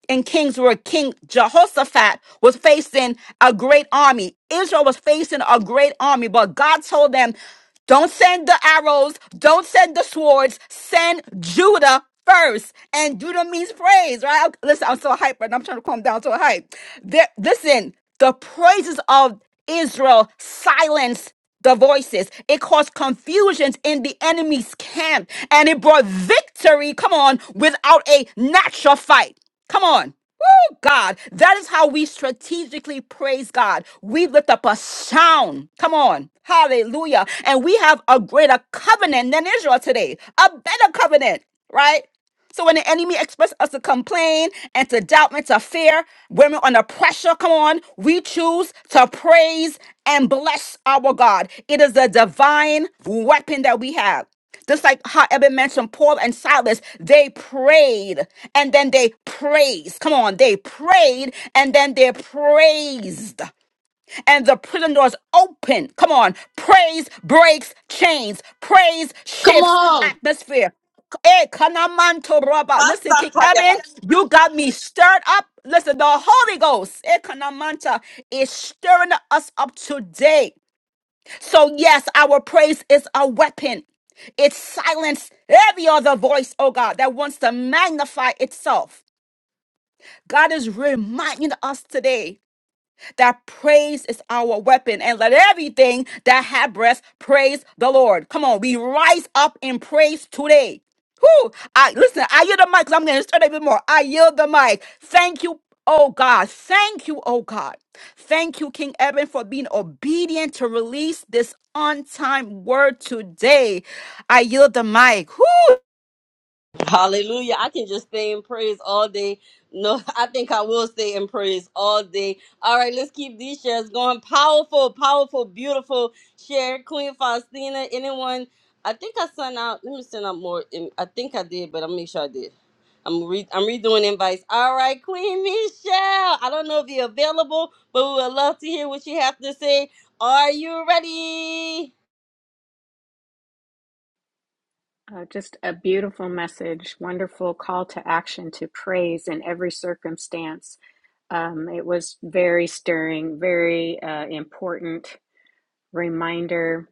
S2: and kings were King Jehoshaphat was facing a great army. Israel was facing a great army, but God told them, don't send the arrows, don't send the swords, send Judah first. And Judah means praise, right? I- Listen, I'm so hyper and I'm trying to calm down to a hype. There, listen, the praises of Israel silenced the voices. It caused confusions in the enemy's camp and it brought victory, come on, without a natural fight. Come on. Woo, God. That is how we strategically praise God. We lift up a sound. Come on. Hallelujah. And we have a greater covenant than Israel today, a better covenant, right? So when the enemy expects us to complain and to doubt and to fear, women under pressure, come on, we choose to praise and bless our God. It is a divine weapon that we have. Just like how Eben mentioned, Paul and Silas, they prayed and then they praised. Come on, they prayed and then they praised and the prison doors open. Come on. Praise breaks chains. Praise
S1: Come
S2: shifts
S1: on.
S2: atmosphere. Hey, Kanamanto Rabba. Listen, King Evan,
S1: Pasataya.
S2: you got me stirred up. Listen, the Holy Ghost, eh, Kanamanta, is stirring us up today. So, yes, our praise is a weapon. It silenced every other voice, oh God, that wants to magnify itself. God is reminding us today that praise is our weapon. And let everything that hath breath praise the Lord. Come on, we rise up in praise today. Whoo! I listen, I yield the mic 'cause I'm gonna start a bit more. I yield the mic. Thank you, oh God. Thank you, oh God. Thank you, King Evan, for being obedient to release this on time word today. I yield the mic. Whoo!
S1: Hallelujah. I can just stay in praise all day. No, I think I will stay in praise all day. All right, let's keep these shares going. Powerful, powerful, beautiful share. Queen Faustina, anyone? I think I sent out, let me send out more. in- I think I did, but I'll make sure I did. I'm re- I'm redoing invites. All right, Queen Michelle. I don't know if you're available, but we would love to hear what you have to say. Are you ready?
S6: Uh, just a beautiful message, wonderful call to action to praise in every circumstance. Um, it was very stirring, very uh, important reminder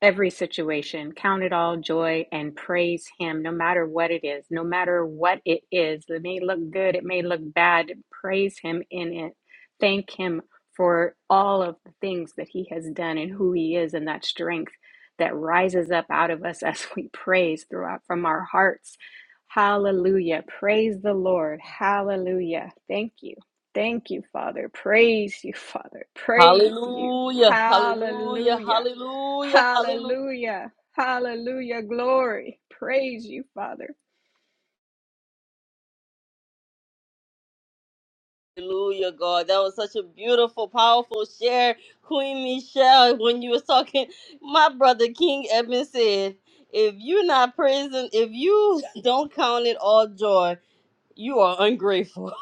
S6: every situation. Count it all joy and praise Him, no matter what it is, no matter what it is. It may look good, it may look bad. Praise Him in it. Thank Him for all of the things that He has done and who He is and that strength that rises up out of us as we praise throughout from our hearts. Hallelujah. Praise the Lord. Hallelujah. Thank you. Thank you, Father. Praise you, Father. Praise you.
S1: Hallelujah, hallelujah,
S6: Hallelujah.
S1: hallelujah, hallelujah.
S6: Hallelujah. Hallelujah. Glory. Praise you, Father.
S1: Hallelujah, God. That was such a beautiful, powerful share. Queen Michelle, when you were talking, my brother King Eben said, if you're not praising, if you don't count it all joy, you are ungrateful.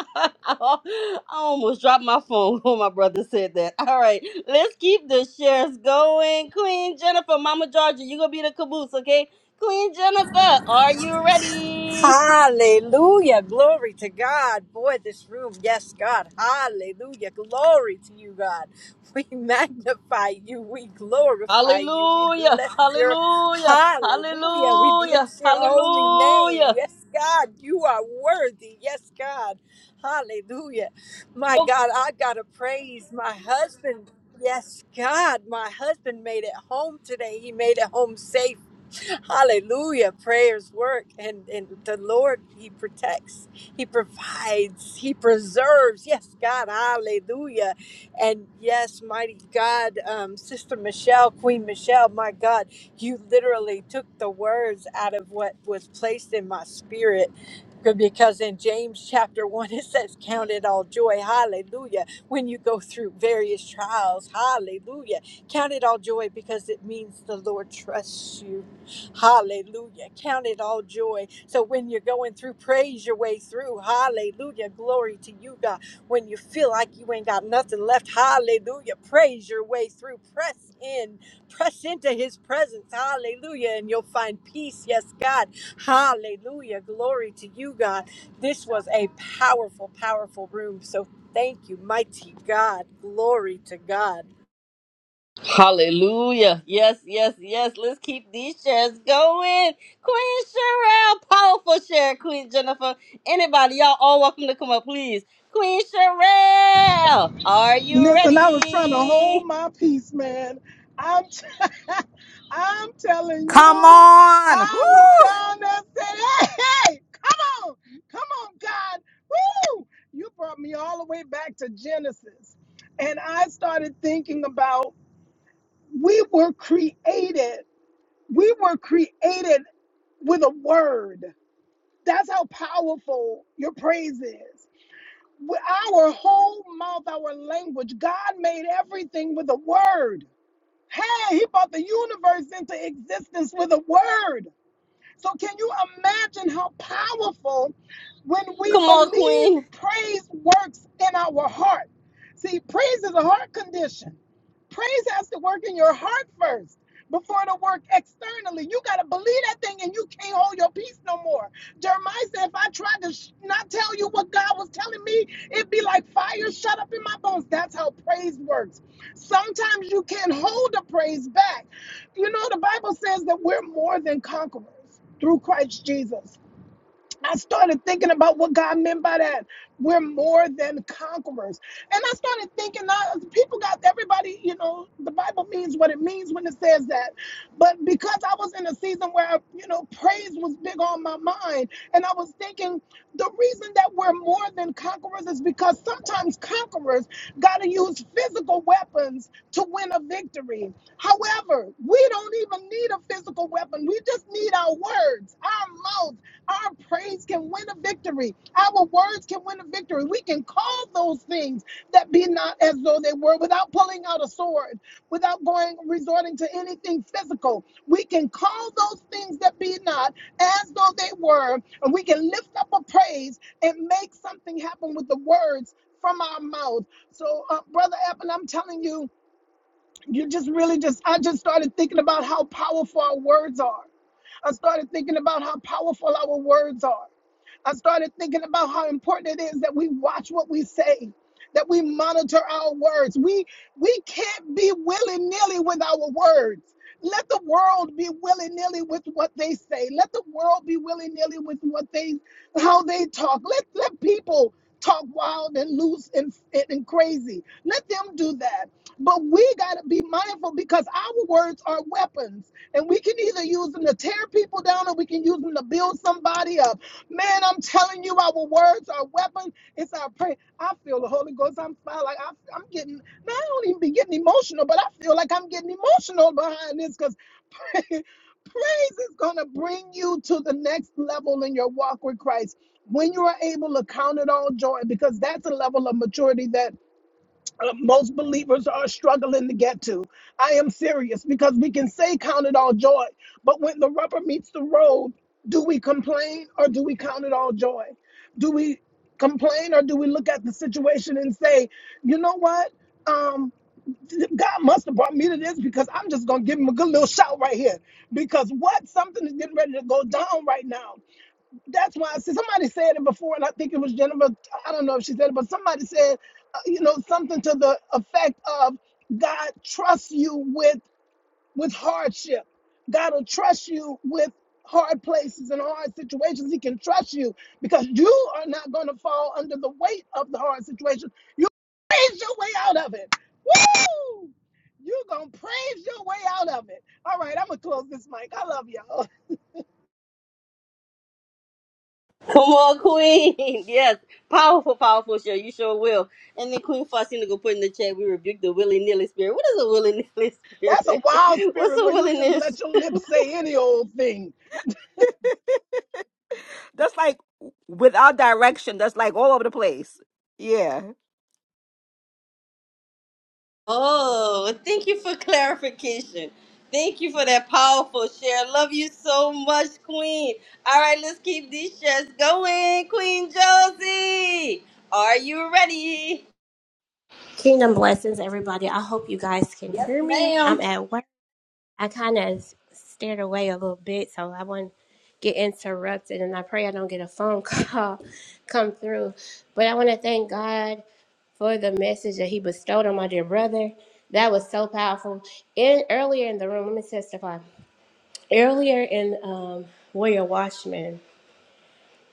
S1: I almost dropped my phone when my brother said that. All right, let's keep the shares going. Queen Jennifer, Mama Georgia, you're going to be the caboose, okay? Queen Jennifer, are you ready?
S5: Hallelujah. Glory to God. Boy, this room. Yes, God. Hallelujah. Glory to you, God. We magnify you. We glorify you. We
S1: Hallelujah,
S5: bless your
S1: hallelujah,
S5: hallelujah. We
S1: hallelujah,
S5: bless your holy name.
S1: hallelujah,
S5: Yes, God. You are worthy. Yes, God. Hallelujah. My God, I got to praise my husband. Yes, God, my husband made it home today. He made it home safe. Hallelujah. Prayers work and, and the Lord, He protects, He provides, He preserves. Yes, God. Hallelujah. And yes, mighty God, um, Sister Michelle, Queen Michelle, my God, you literally took the words out of what was placed in my spirit. Because in James chapter 1, it says, Count it all joy. Hallelujah. When you go through various trials. Hallelujah. Count it all joy because it means the Lord trusts you Hallelujah. Count it all joy. So when you're going through, praise your way through. Hallelujah. Glory to you, God. When you feel like you ain't got nothing left, hallelujah. Praise your way through. Press in. Press into his presence. Hallelujah. And you'll find peace. Yes, God. Hallelujah. Glory to you, God. This was a powerful, powerful room. So thank you, mighty God. Glory to God.
S1: hallelujah. Yes, yes, yes. Let's keep these shares going. Queen Sherelle, powerful share, Queen Jennifer. Anybody, y'all all welcome to come up, please. Queen Sherelle, are you
S7: Listen, I was trying to hold
S1: ready?
S7: my peace, man. I'm, t- I'm telling
S2: Come
S7: you,
S2: on.
S7: I was
S2: Whoo!
S7: down there saying, hey, hey, come on, come on, God. Woo! You brought me all the way back to Genesis. And I started thinking about we were created. We were created with a word. That's how powerful your praise is. With our whole mouth, our language, God made everything with a word. Hey, He brought the universe into existence with a word. So, can you imagine how powerful when we
S1: Come on,
S7: believe
S1: Queen.
S7: praise works in our heart? See, praise is a heart condition. Praise has to work in your heart first before it'll work externally. You got to believe that thing and you can't hold your peace no more. Jeremiah said, if I tried to sh- not tell you what God was telling me, it be like fire shut up in my bones. That's how praise works. Sometimes you can't hold the praise back. You know, the Bible says that we're more than conquerors through Christ Jesus. I started thinking about what God meant by that. We're more than conquerors. And I started thinking, uh, people got everybody, you know, the Bible means what it means when it says that. But because I was in a season where, you know, praise was big on my mind, and I was thinking the reason that we're more than conquerors is because sometimes conquerors got to use physical weapons to win a victory. However, we don't even need a physical weapon, we just need our words, our mouth our praise can win a victory. Our words can win a victory. We can call those things that be not as though they were without pulling out a sword, without going resorting to anything physical. We can call those things that be not as though they were, and we can lift up a praise and make something happen with the words from our mouth. So, uh, Brother Evan, I'm telling you, you just really just, I just started thinking about how powerful our words are. I started thinking about how powerful our words are. I started thinking about how important it is that we watch what we say, that we monitor our words. We we can't be willy-nilly with our words. Let the world be willy-nilly with what they say. Let the world be willy-nilly with what they how they talk. Let let people talk wild and loose and, and crazy. Let them do that. But we gotta be mindful because our words are weapons. And we can either use them to tear people down or we can use them to build somebody up. Man, I'm telling you, our words are weapons. It's our prayer. I feel the Holy Ghost. I'm fine. Like I, I'm getting. Man, I don't even be getting emotional, but I feel like I'm getting emotional behind this because praise is gonna bring you to the next level in your walk with Christ. When you are able to count it all joy, because that's a level of maturity that uh, most believers are struggling to get to. I am serious because we can say count it all joy, but when the rubber meets the road, do we complain or do we count it all joy? Do we complain or do we look at the situation and say, you know what? Um, th- God must have brought me to this because I'm just gonna give him a good little shout right here. Because what? Something is getting ready to go down right now that's why I said somebody said it before, and I think it was Jennifer. I don't know if she said it, but somebody said, uh, you know, something to the effect of God trusts you with with hardship. God will trust you with hard places and hard situations. He can trust you because you are not going to fall under the weight of the hard situation. You praise your way out of it. Woo! You're going to praise your way out of it. All right, I'm going to close this mic. I love y'all.
S1: Come on, Queen. Yes. Powerful, powerful show. You sure will. And then Queen Faustina go put in the chat, we rebuke the willy nilly spirit. What is a willy nilly
S7: That's a
S1: spirit?
S7: wild
S1: What's
S7: spirit
S1: a
S7: where you
S1: willy
S7: just
S1: nilly
S7: let
S1: spirit?
S7: your lips say any old thing.
S2: That's like without direction. That's like all over the place. Yeah.
S1: Oh, thank you for clarification. Thank you for that powerful share. Love you so much, Queen. All right, let's keep these shares going. Queen Josie, are you ready?
S8: Kingdom blessings, everybody. I hope you guys can
S1: Yes,
S8: hear me.
S1: ma'am.
S8: I'm at work. I kind of stared away a little bit, so I wouldn't get interrupted. And I pray I don't get a phone call come through. But I want to thank God for the message that He bestowed on my dear brother. That was so powerful. In earlier in the room, let me testify. Earlier in um, Warrior Watchman,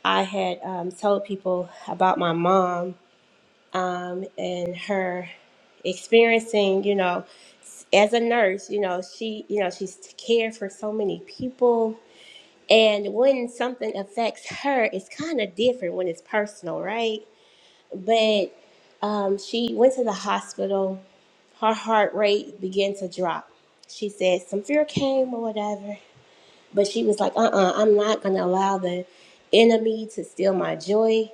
S8: I had um, told people about my mom um, and her experiencing, you know, as a nurse, you know, she, you know, she's cared for so many people. And when something affects her, it's kind of different when it's personal, right? But um, she went to the hospital. Her heart rate began to drop. She said some fear came or whatever. But she was like, uh-uh, I'm not gonna allow the enemy to steal my joy,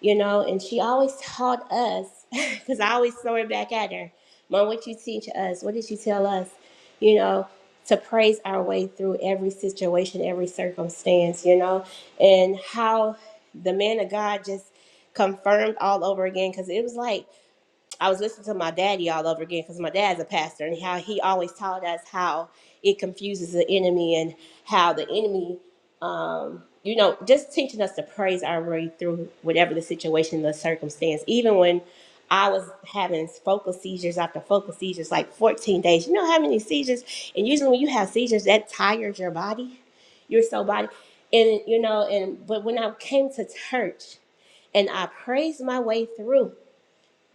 S8: you know. And she always taught us, because I always throw it back at her, Mom, what you teach us, what did you tell us, you know, to praise our way through every situation, every circumstance, you know, and how the man of God just confirmed all over again because it was like I was listening to my daddy all over again because my dad's a pastor and how he always taught us how it confuses the enemy and how the enemy, um, you know, just teaching us to praise our way through whatever the situation, the circumstance. Even when I was having focal seizures after focal seizures, like 14 days, you know how many seizures? And usually when you have seizures, that tires your body. You're so body. And, you know, and but when I came to church and I praised my way through,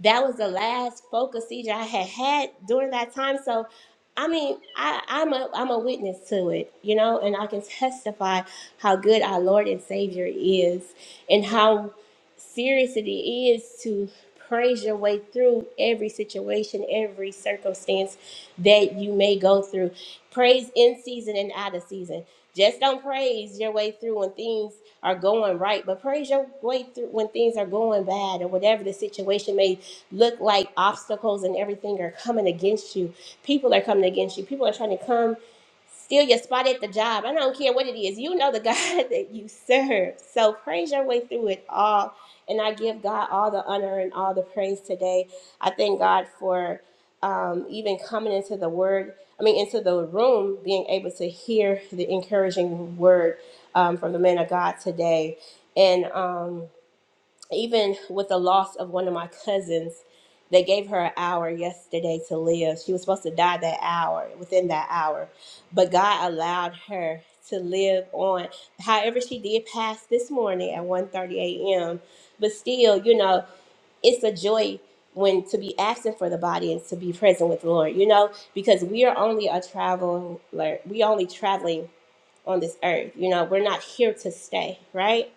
S8: that was the last focus seizure I had had during that time. So, I mean, I, I'm a I'm a witness to it, you know, and I can testify how good our Lord and Savior is, and how serious it is to praise your way through every situation, every circumstance that you may go through. Praise in season and out of season. Just don't praise your way through when things are going right, but praise your way through when things are going bad or whatever the situation may look like obstacles and everything are coming against you. People are coming against you. People are trying to come steal your spot at the job. I don't care what it is. You know the God that you serve. So praise your way through it all. And I give God all the honor and all the praise today. I thank God for um, even coming into the word, I mean, into the room, being able to hear the encouraging word um, from the man of God today. And, um, even with the loss of one of my cousins, they gave her an hour yesterday to live. She was supposed to die that hour, within that hour, but God allowed her to live on. However, she did pass this morning at 1:30 a.m. But still, you know, it's a joy when to be absent for the body and to be present with the Lord. You know, because we are only a traveler. We only traveling on this earth. You know, we're not here to stay, right?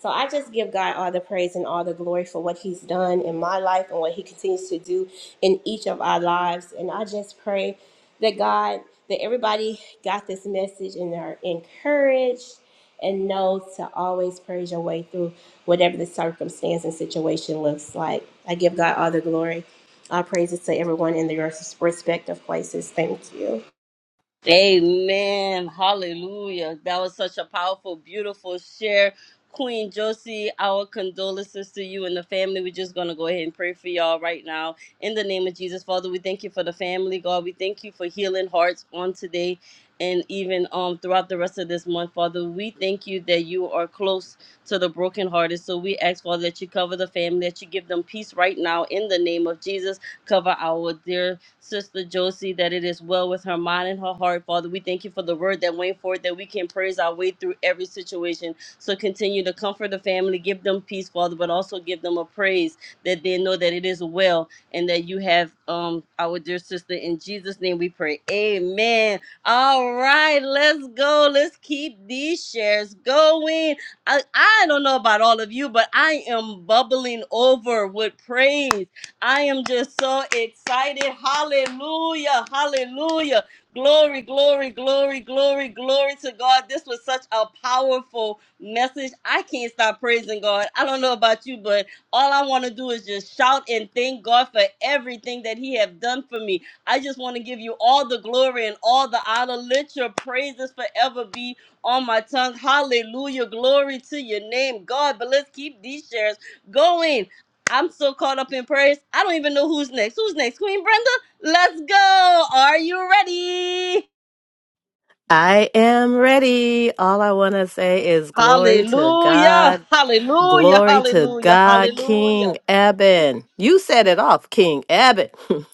S8: So I just give God all the praise and all the glory for what He's done in my life and what He continues to do in each of our lives. And I just pray that God, that everybody got this message and are encouraged and know to always praise your way through whatever the circumstance and situation looks like. I give God all the glory. All praises to everyone in their respective places. Thank you.
S1: Amen. Hallelujah. That was such a powerful, beautiful share. Queen Josie, our condolences to you and the family. We're just going to go ahead and pray for y'all right now. In the name of Jesus, Father, we thank you for the family, God. We thank you for healing hearts on today and even um throughout the rest of this month, Father. We thank you that you are close to the brokenhearted. So we ask, Father, that you cover the family, that you give them peace right now in the name of Jesus. Cover our dear Sister Josie, that it is well with her mind and her heart. Father, we thank you for the word that went forth, that we can praise our way through every situation. So continue to comfort the family, give them peace, Father, but also give them a praise that they know that it is well and that you have um our dear sister. In Jesus' name we pray. Amen. All right, let's go. Let's keep these shares going. I, I don't know about all of you, but I am bubbling over with praise I am just so excited. Hallelujah. Hallelujah. Glory, glory, glory, glory, glory to God. This was such a powerful message. I can't stop praising God. I don't know about you, but all I want to do is just shout and thank God for everything that He have done for me. I just want to give you all the glory and all the honor. Let your praises forever be on my tongue. Hallelujah. Glory to your name, God. But let's keep these shares going. I'm so caught up in prayers. I don't even know who's next. Who's next? Queen Brenda? Let's go. Are you ready?
S9: I am ready. All I want to say is glory to
S1: Hallelujah.
S9: God.
S1: Hallelujah.
S9: Glory to
S1: Hallelujah.
S9: God, King
S1: Hallelujah.
S9: Eben. You set it off, King Eben.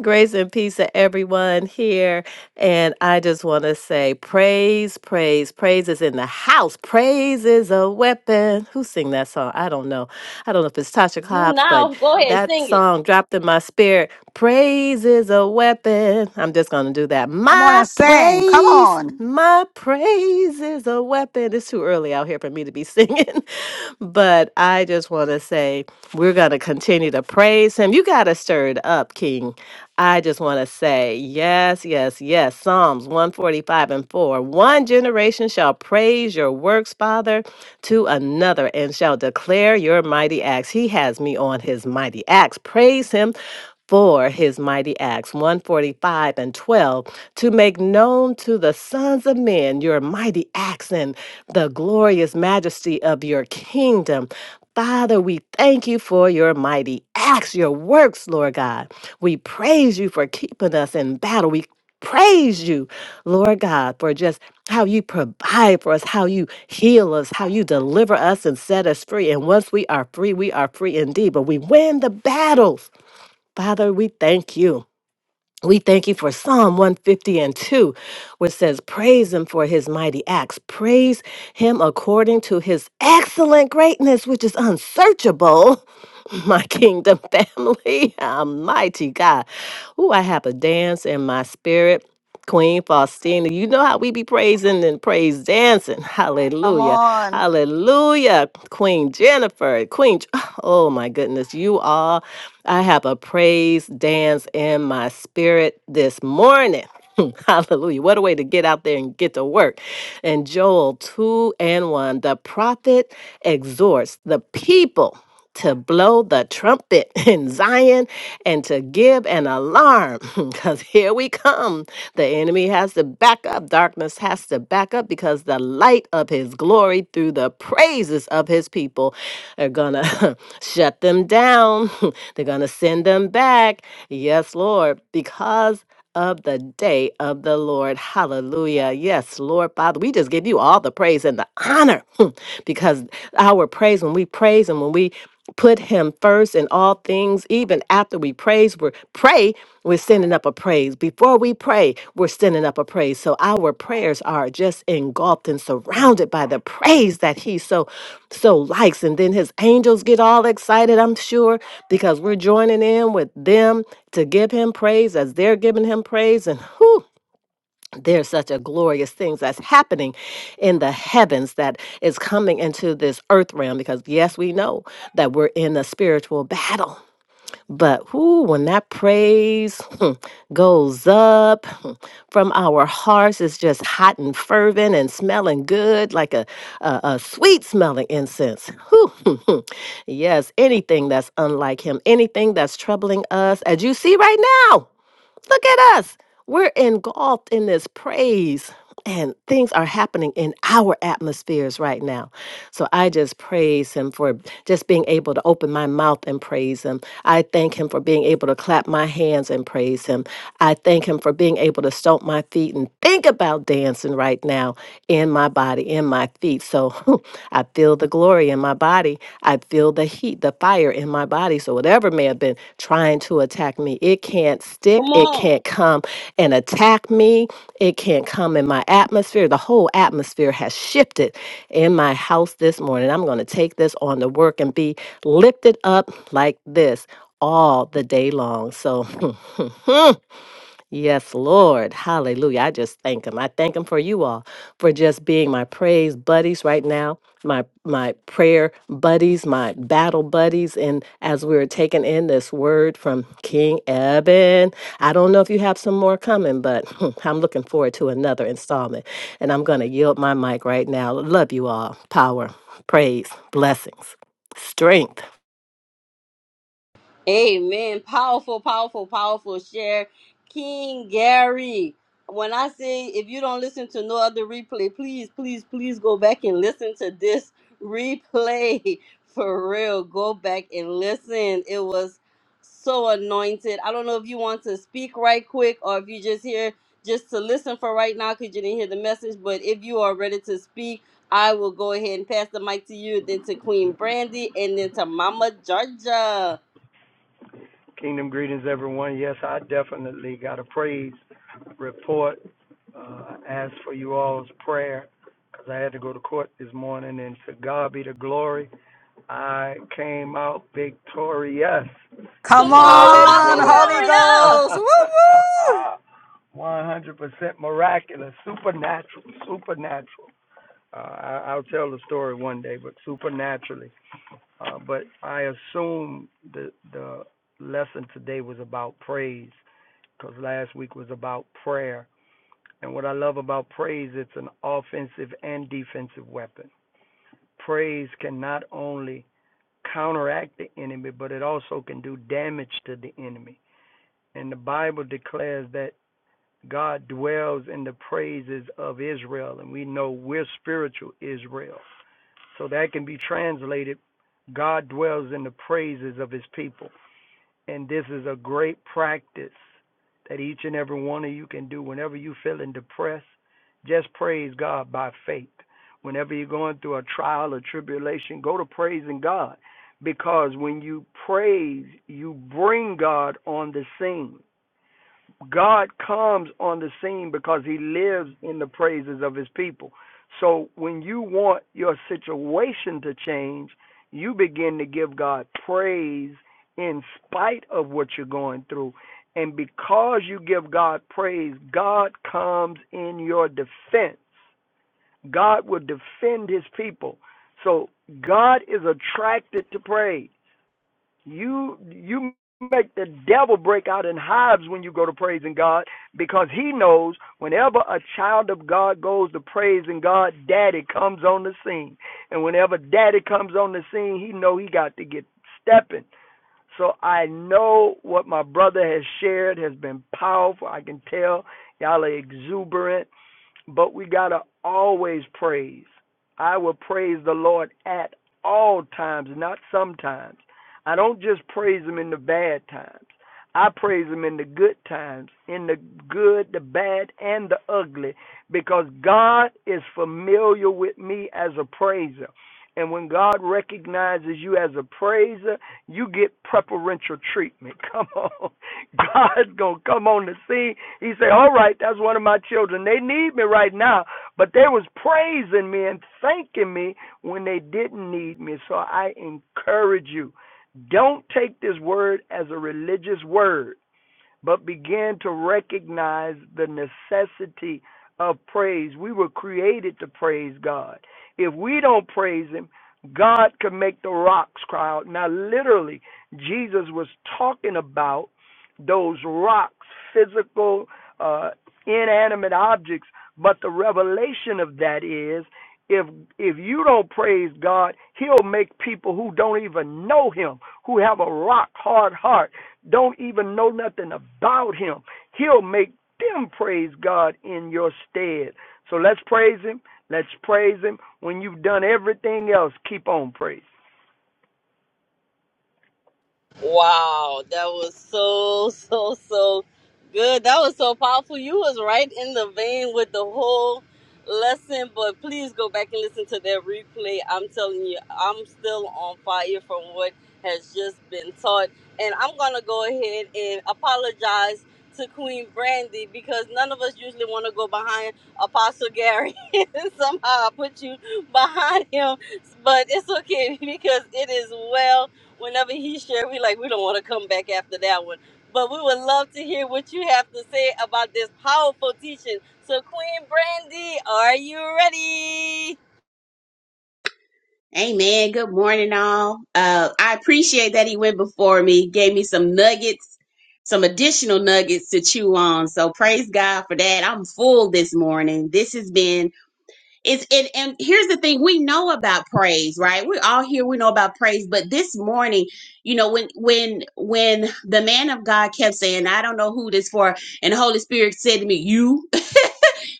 S9: Grace and peace to everyone here. And I just want to say praise, praise, praise is in the house. Praise is a weapon. Who sing that song? I don't know. I don't know if it's Tasha
S1: You
S9: Cobbs, but
S1: now go ahead,
S9: that
S1: sing it.
S9: song dropped in my spirit Praise is a weapon. I'm just going to do that.
S2: Come on
S9: My
S2: and sing. Come
S9: praise,
S2: on.
S9: my praise is a weapon. It's too early out here for me to be singing, but I just want to say we're going to continue to praise him. You got to stir it up, King. I just want to say, yes, yes, yes. Psalms 145 and 4. One generation shall praise your works, Father, to another and shall declare your mighty acts. He has me on his mighty acts. Praise him for his mighty acts, 145 and 12, to make known to the sons of men your mighty acts and the glorious majesty of your kingdom. Father, we thank you for your mighty acts, your works, Lord God. We praise you for keeping us in battle. We praise you, Lord God, for just how you provide for us, how you heal us, how you deliver us and set us free. And once we are free, we are free indeed. But we win the battles Father, we thank you. We thank you for Psalm 150 and 2, which says, Praise him for his mighty acts. Praise him according to his excellent greatness, which is unsearchable. My kingdom family, almighty God. Ooh, I have a dance in my spirit. Queen Faustina, you know how we be praising and praise dancing.
S2: Come
S9: Hallelujah.
S2: on.
S9: Hallelujah. Queen Jennifer, Queen Oh my goodness, you all. I have a praise dance in my spirit this morning. Hallelujah. What a way to get out there and get to work. And Joel 2 and 1, the prophet exhorts the people to blow the trumpet in Zion and to give an alarm because here we come. The enemy enemy has to back up, darkness has to back up because the light of his glory through the praises of his people are gonna shut them down. They're gonna send them back. Yes, Lord, because of the day of the Lord. Hallelujah. Yes, Lord Father, we just give you all the praise and the honor because our praise, when we praise and when we put him first in all things even after we praise we're pray we're sending up a praise before we pray we're sending up a praise so our prayers are just engulfed and surrounded by the praise that he so so likes and then his angels get all excited i'm sure because we're joining in with them to give him praise as they're giving him praise and whew, there's such a glorious things that's happening in the heavens that is coming into this earth realm because yes we know that we're in a spiritual battle but whoo, when that praise hmm, goes up hmm, from our hearts, it's just hot and fervent and smelling good like a, a, a sweet smelling incense. Whew. hmm, hmm. yes, anything that's unlike him, anything that's troubling us, as you see right now. Look at us. We're engulfed in this praise, and things are happening in our atmospheres right now. So I just praise him for just being able to open my mouth and praise him. I thank him for being able to clap my hands and praise him. I thank him for being able to stomp my feet and think about dancing right now in my body, in my my feet. So I feel the glory in my body. I feel the heat, the fire in my body. So whatever may have been trying to attack me, it can't stick.
S1: Come
S9: It
S1: on.
S9: can't come and attack me. It can't come in my atmosphere. The whole atmosphere has shifted in my house this morning. I'm going to take this on to work and be lifted up like this all the day long. So Yes, Lord. Hallelujah. I just thank him. I thank him for you all for just being my praise buddies right now, my my prayer buddies, my battle buddies. And as we are taking in this word from King Eben, I don't know if you have some more coming, but I'm looking forward to another installment. And I'm gonna yield my mic right now. Love you all. Power, praise, blessings, strength.
S1: Amen. Powerful, powerful, powerful share. King Gary. When I say if you don't listen to no other replay, please, please, please go back and listen to this replay for real. Go back and listen. It was so anointed. I don't know if you want to speak right quick or if you just here just to listen for right now because you didn't hear the message. But if you are ready to speak, I will go ahead and pass the mic to you, then to Queen Brandy, and then to Mama Georgia.
S10: Kingdom greetings, everyone. Yes, I definitely got a praise report. Uh, I asked for you all's prayer because I had to go to court this morning, and to God be the glory. I came out victorious.
S1: Come
S10: To
S2: Come
S10: God
S1: on,
S10: be the
S2: on,
S10: glory.
S2: Holy
S5: Hallelujah.
S1: hallelujah.
S2: Ghost. Woo woo.
S10: 100% miraculous, supernatural, supernatural. Uh, I, I'll tell the story one day, but supernaturally. Uh, but I assume the the lesson today was about praise because last week was about prayer. And what I love about praise, it's an offensive and defensive weapon. Praise can not only counteract the enemy, but it also can do damage to the enemy. And the Bible declares that God dwells in the praises of Israel, and we know we're spiritual Israel. So that can be translated God dwells in the praises of his people. And this is a great practice that each and every one of you can do whenever you're feeling depressed. Just praise God by faith. Whenever you're going through a trial or tribulation, go to praising God. Because when you praise, you bring God on the scene. God comes on the scene because he lives in the praises of his people. So when you want your situation to change, you begin to give God praise in spite of what you're going through. And because you give God praise, God comes in your defense. God will defend his people. So God is attracted to praise. You you make the devil break out in hives when you go to praising God because he knows whenever a child of God goes to praising God, daddy comes on the scene. And whenever daddy comes on the scene, he know he got to get stepping. So I know what my brother has shared has been powerful. I can tell y'all are exuberant but we got to always praise. I will praise the Lord at all times, not sometimes. I don't just praise him in the bad times. I praise him in the good times, in the good, the bad, and the ugly, because God is familiar with me as a praiser. And when God recognizes you as a praiser, you get preferential treatment. Come on. God's going to come on the scene. He said, All right, that's one of my children. They need me right now, but they was praising me and thanking me when they didn't need me. So I encourage you don't take this word as a religious word but began to recognize the necessity of praise. We were created to praise God. If we don't praise Him, God can make the rocks cry out. Now, literally, Jesus was talking about those rocks, physical, uh, inanimate objects. But the revelation of that is, if if you don't praise God, He'll make people who don't even know Him, who have a rock hard heart, don't even know nothing about him. He'll make them praise God in your stead. So let's praise him. Let's praise him. When you've done everything else, keep on praising.
S1: Wow, that was so so so good. That was so powerful. You was right in the vein with the whole lesson, but please go back and listen to that replay. I'm telling you, I'm still on fire from what has just been taught. And I'm gonna go ahead and apologize to Queen Brandy because none of us usually want to go behind Apostle Gary. Somehow I put you behind him, but it's okay because it is well whenever he shared, we like we don't want to come back after that one. But we would love to hear what you have to say about this powerful teaching. So, Queen Brandy, are you ready?
S11: Amen. Good morning, all. Uh, I appreciate that he went before me, gave me some nuggets, some additional nuggets to chew on. So praise God for that. I'm full this morning. This has been it's it. And here's the thing: we know about praise, right? We're all here. We know about praise, but this morning, you know, when when when the man of God kept saying, "I don't know who this for," and the Holy Spirit said to me, "You."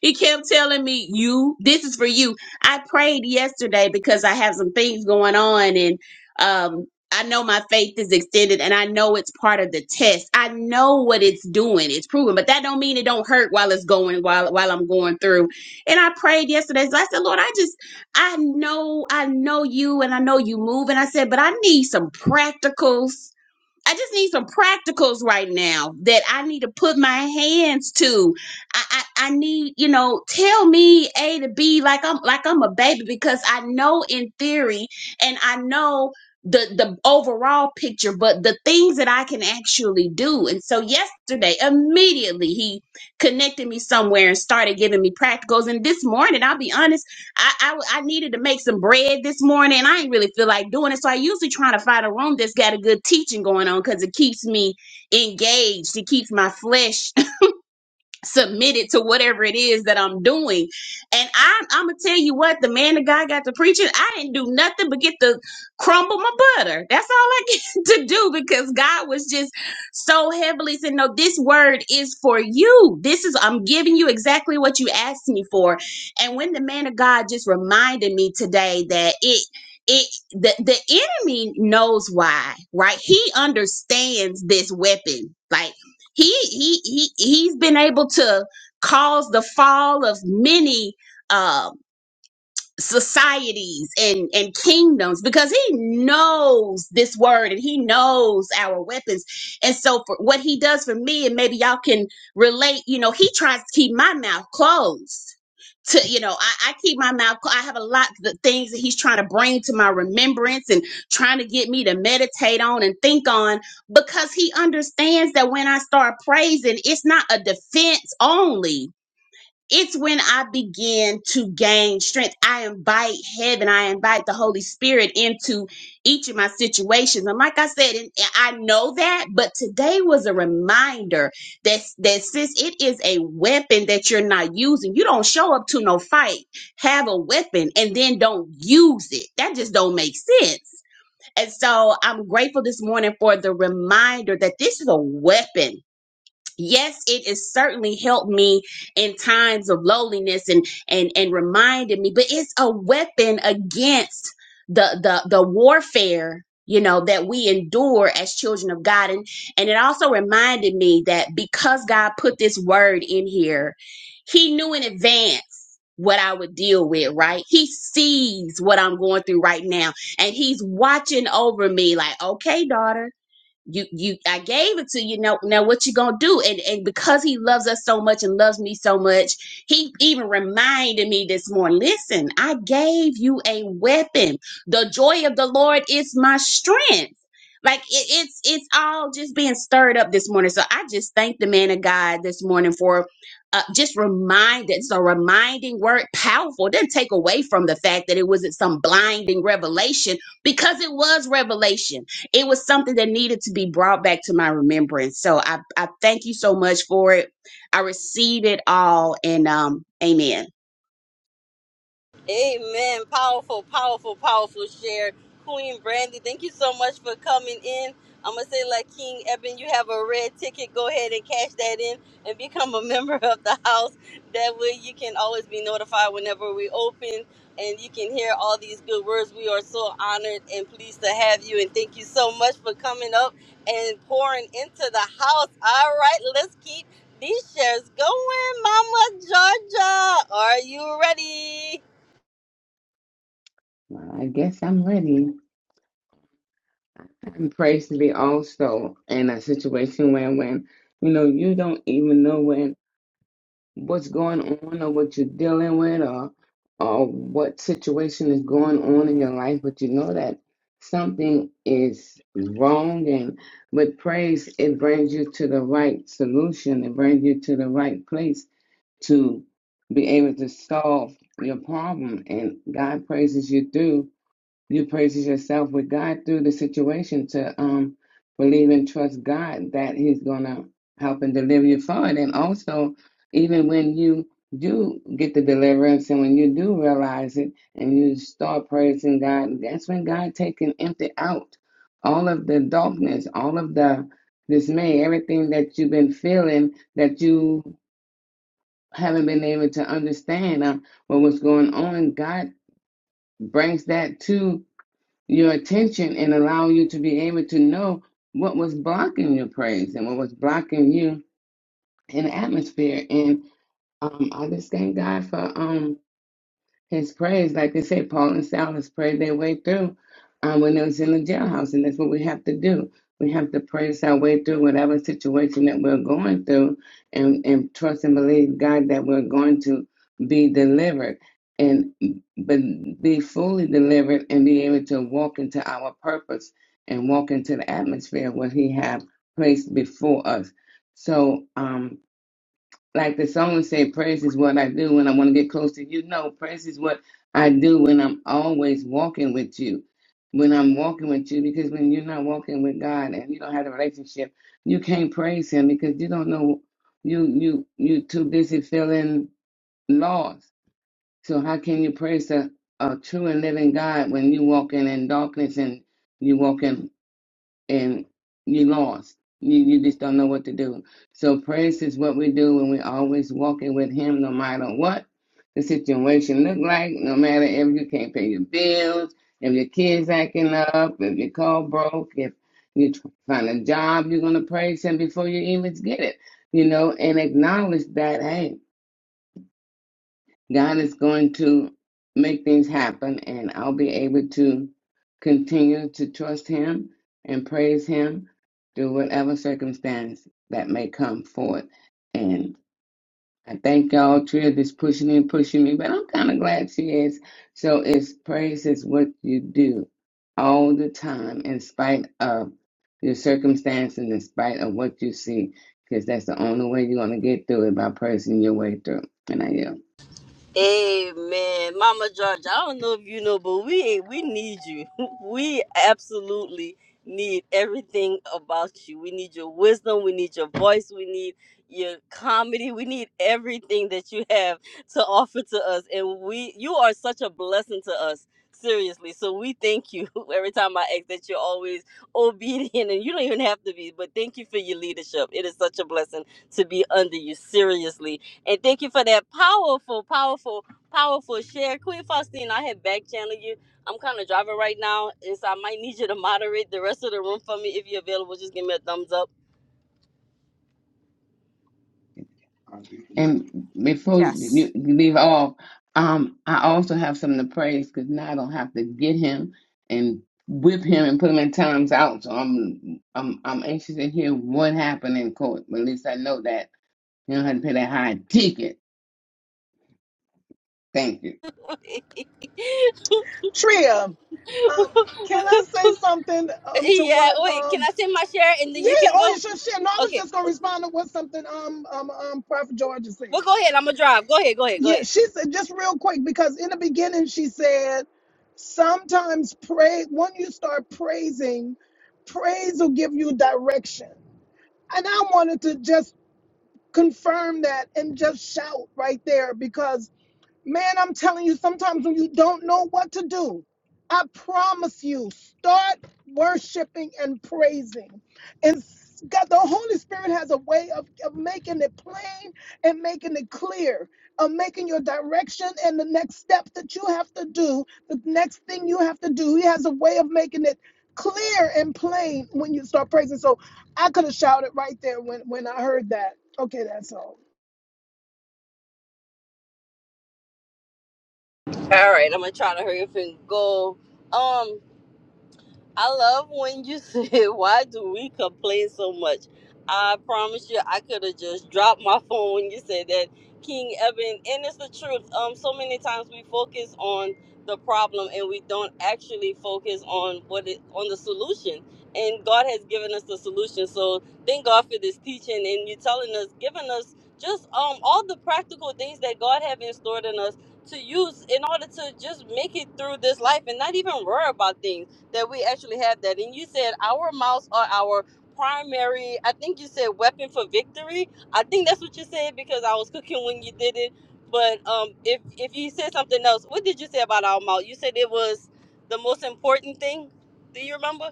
S11: He kept telling me, "You, this is for you." I prayed yesterday because I have some things going on, and um, I know my faith is extended, and I know it's part of the test. I know what it's doing; it's proven, but that don't mean it don't hurt while it's going while while I'm going through. And I prayed yesterday, so I said, "Lord, I just, I know, I know you, and I know you move." And I said, "But I need some practicals." I just need some practicals right now that I need to put my hands to. I, I I need, you know, tell me A to B like I'm like I'm a baby because I know in theory and I know the the overall picture, but the things that I can actually do. And so yesterday, immediately he connected me somewhere and started giving me practicals. And this morning, I'll be honest I I I needed to make some bread this morning. I ain't really feel like doing it, so I usually try to find a room that's got a good teaching going on because it keeps me engaged. It keeps my flesh submitted to whatever it is that I'm doing. And I, I'm gonna tell you what, the man, the guy got to preaching. I didn't do nothing but get to crumble my butter. That's all I get to do because God was just so heavily saying, "No, this word is for you. This is I'm giving you exactly what you asked me for." And when the man of God just reminded me today that it. It the, the enemy knows why, right? He understands this weapon. Like he he he he's been able to cause the fall of many uh, societies and and kingdoms because he knows this word and he knows our weapons and so for what he does for me and maybe y'all can relate you know he tries to keep my mouth closed to you know i, I keep my mouth clo- i have a lot of the things that he's trying to bring to my remembrance and trying to get me to meditate on and think on because he understands that when i start praising it's not a defense only it's when I begin to gain strength. I invite heaven, I invite the Holy Spirit into each of my situations. And like I said, and I know that, but today was a reminder that, that sis, it is a weapon that you're not using. You don't show up to no fight, have a weapon, and then don't use it. That just don't make sense. And so I'm grateful this morning for the reminder that this is a weapon yes it has certainly helped me in times of loneliness and and and reminded me but it's a weapon against the the the warfare you know that we endure as children of god and and it also reminded me that because god put this word in here he knew in advance what I would deal with, right? He sees what I'm going through right now and he's watching over me like, okay, daughter, you you I gave it to you now now what you gonna do and and because he loves us so much and loves me so much he even reminded me this morning listen I gave you a weapon the joy of the Lord is my strength like it, it's it's all just being stirred up this morning so I just thank the man of God this morning for uh, just reminded it's a reminding word powerful It didn't take away from the fact that it wasn't some blinding revelation because it was revelation it was something that needed to be brought back to my remembrance. So I, I thank you so much for it. I receive it all and um amen.
S1: Amen. Powerful, powerful, powerful share. Queen Brandy, thank you so much for coming in. I'm going to say, like King Eben, you have a red ticket. Go ahead and cash that in and become a member of the house. That way you can always be notified whenever we open and you can hear all these good words. We are so honored and pleased to have you. And thank you so much for coming up and pouring into the house. All right, let's keep these shares going. Mama Georgia, are you ready?
S3: Well, I guess I'm ready. I'm praised to be also in a situation where when you know you don't even know when. what's going on or what you're dealing with or or what situation is going on in your life, but you know that something is wrong and with praise it brings you to the right solution, it brings you to the right place to be able to solve your problem and God praises you through you praises yourself with God through the situation to um believe and trust God that He's gonna help and deliver you from it. And also, even when you do get the deliverance and when you do realize it and you start praising God, that's when God take and empty out all of the darkness, all of the dismay, everything that you've been feeling that you haven't been able to understand uh, what was going on. God brings that to your attention and allow you to be able to know what was blocking your praise and what was blocking you in the atmosphere. And um, I just thank God for um, his praise, like they say, Paul and Silas prayed their way through um, when they was in the jailhouse, and that's what we have to do. We have to praise our way through whatever situation that we're going through, and and trust and believe God that we're going to be delivered, and but be fully delivered, and be able to walk into our purpose and walk into the atmosphere where He have placed before us. So, um, like the song said, praise is what I do when I want to get close to you. No, praise is what I do when I'm always walking with you. When I'm walking with you, because when you're not walking with God and you don't have a relationship, you can't pray because you don't know you you you too busy feeling lost. So how can you praise the a true and living God when you walk darkness and you walk in and you lost? know what to do. So praise is what we do when we are always walking with Him, no matter what the situation look like. No matter if you can't pay your bills, if your kids acting up, if your car broke, if you find a job, you're gonna praise Him before you even get it. You know, and acknowledge that. hey. God is going to make things happen, and I'll be able to continue to trust Him and praise Him through whatever circumstance that may come forth. And I thank y'all. Trish is pushing me, pushing me, but I'm kind of glad she is. So it's praise is what you do all the time, in spite of your circumstance and in spite of what you see, because that's the only way you're going to get through it by praising your way through. And I yield.
S1: Amen, Mama George. I don't know if you know, but we we need you. We absolutely need everything about you. We need your wisdom. We need your voice. We need your comedy. We need everything that you have to offer to us. And we, you are such a blessing to us. Seriously, so we thank you every time I ask that you're always obedient and you don't even have to be, but thank you for your leadership. It is such a blessing to be under you, seriously. And thank you for that powerful, powerful, powerful share. Queen Faustine, I had back channel you. I'm kind of driving right now, and so I might need you to moderate the rest of the room for me. If you're available, just give me a thumbs up.
S3: And before you
S2: Yes.
S3: you leave off, um, I also have something to praise because now I don't have to get him and whip him and put him in times out. So I'm I'm I'm anxious to hear what happened in court. But at least I know that you don't have to pay that high ticket. Thank you.
S1: yeah,
S7: Tria, um, can I say something um to what
S1: wait, can
S7: um
S1: I say my share and then
S7: yeah,
S1: you can
S7: oh you
S1: go?
S7: should share. No, I was
S1: Okay,
S7: just gonna respond to what something um um um Prophet Georgia
S1: well,
S7: said.
S1: go ahead. I'm going to drive. Go ahead, go ahead, go
S7: Yeah,
S1: ahead.
S7: she said just real quick because in the beginning she said sometimes pray when you start praising, praise will give you direction. And I wanted to just confirm that and just shout right there because Man, I'm telling you, sometimes when you don't know what to do, I promise you, start worshiping and praising. And God, the Holy Spirit has a way of, of making it plain and making it clear, of making your direction and the next step that you have to do, the next thing you have to do. He has a way of making it clear and plain when you start praising. So I could have shouted right there when, when I heard that. Okay, that's all.
S1: All right, I'm going to try to hurry up and go. Um, I love when you said, "Why do we complain so much?" I promise you, I could have just dropped my phone when you said that, King Eben, and it's the truth. Um, so many times we focus on the problem and we don't actually focus on what it on the solution. And God has given us the solution. So thank God for this teaching and you telling us, giving us just um all the practical things that God have in store in us to use in order to just make it through this life and not even worry about things that we actually have that. And you said our mouths are our primary, I think you said weapon for victory. I think that's what you said because I was cooking when you did it. But um, if, if you said something else, what did you say about our mouth? You said it was the most important thing. Do you remember,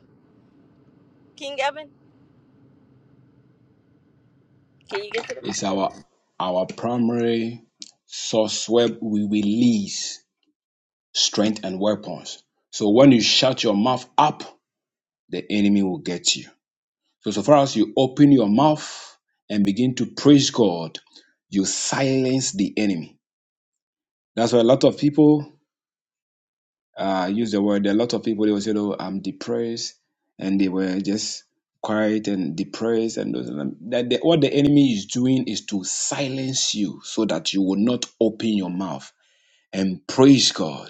S1: King Evan? Can you get to that?
S4: It's our our primary source where we release strength and weapons. So when you shut your mouth up, the enemy will get you. So so far as you open your mouth and begin to praise God, you silence the enemy. That's why a lot of people uh, use the word. There are a lot of people they will say, "Oh, I'm depressed," and they were just quiet and depressed. And those, that the, what the enemy is doing is to silence you so that you will not open your mouth and praise God.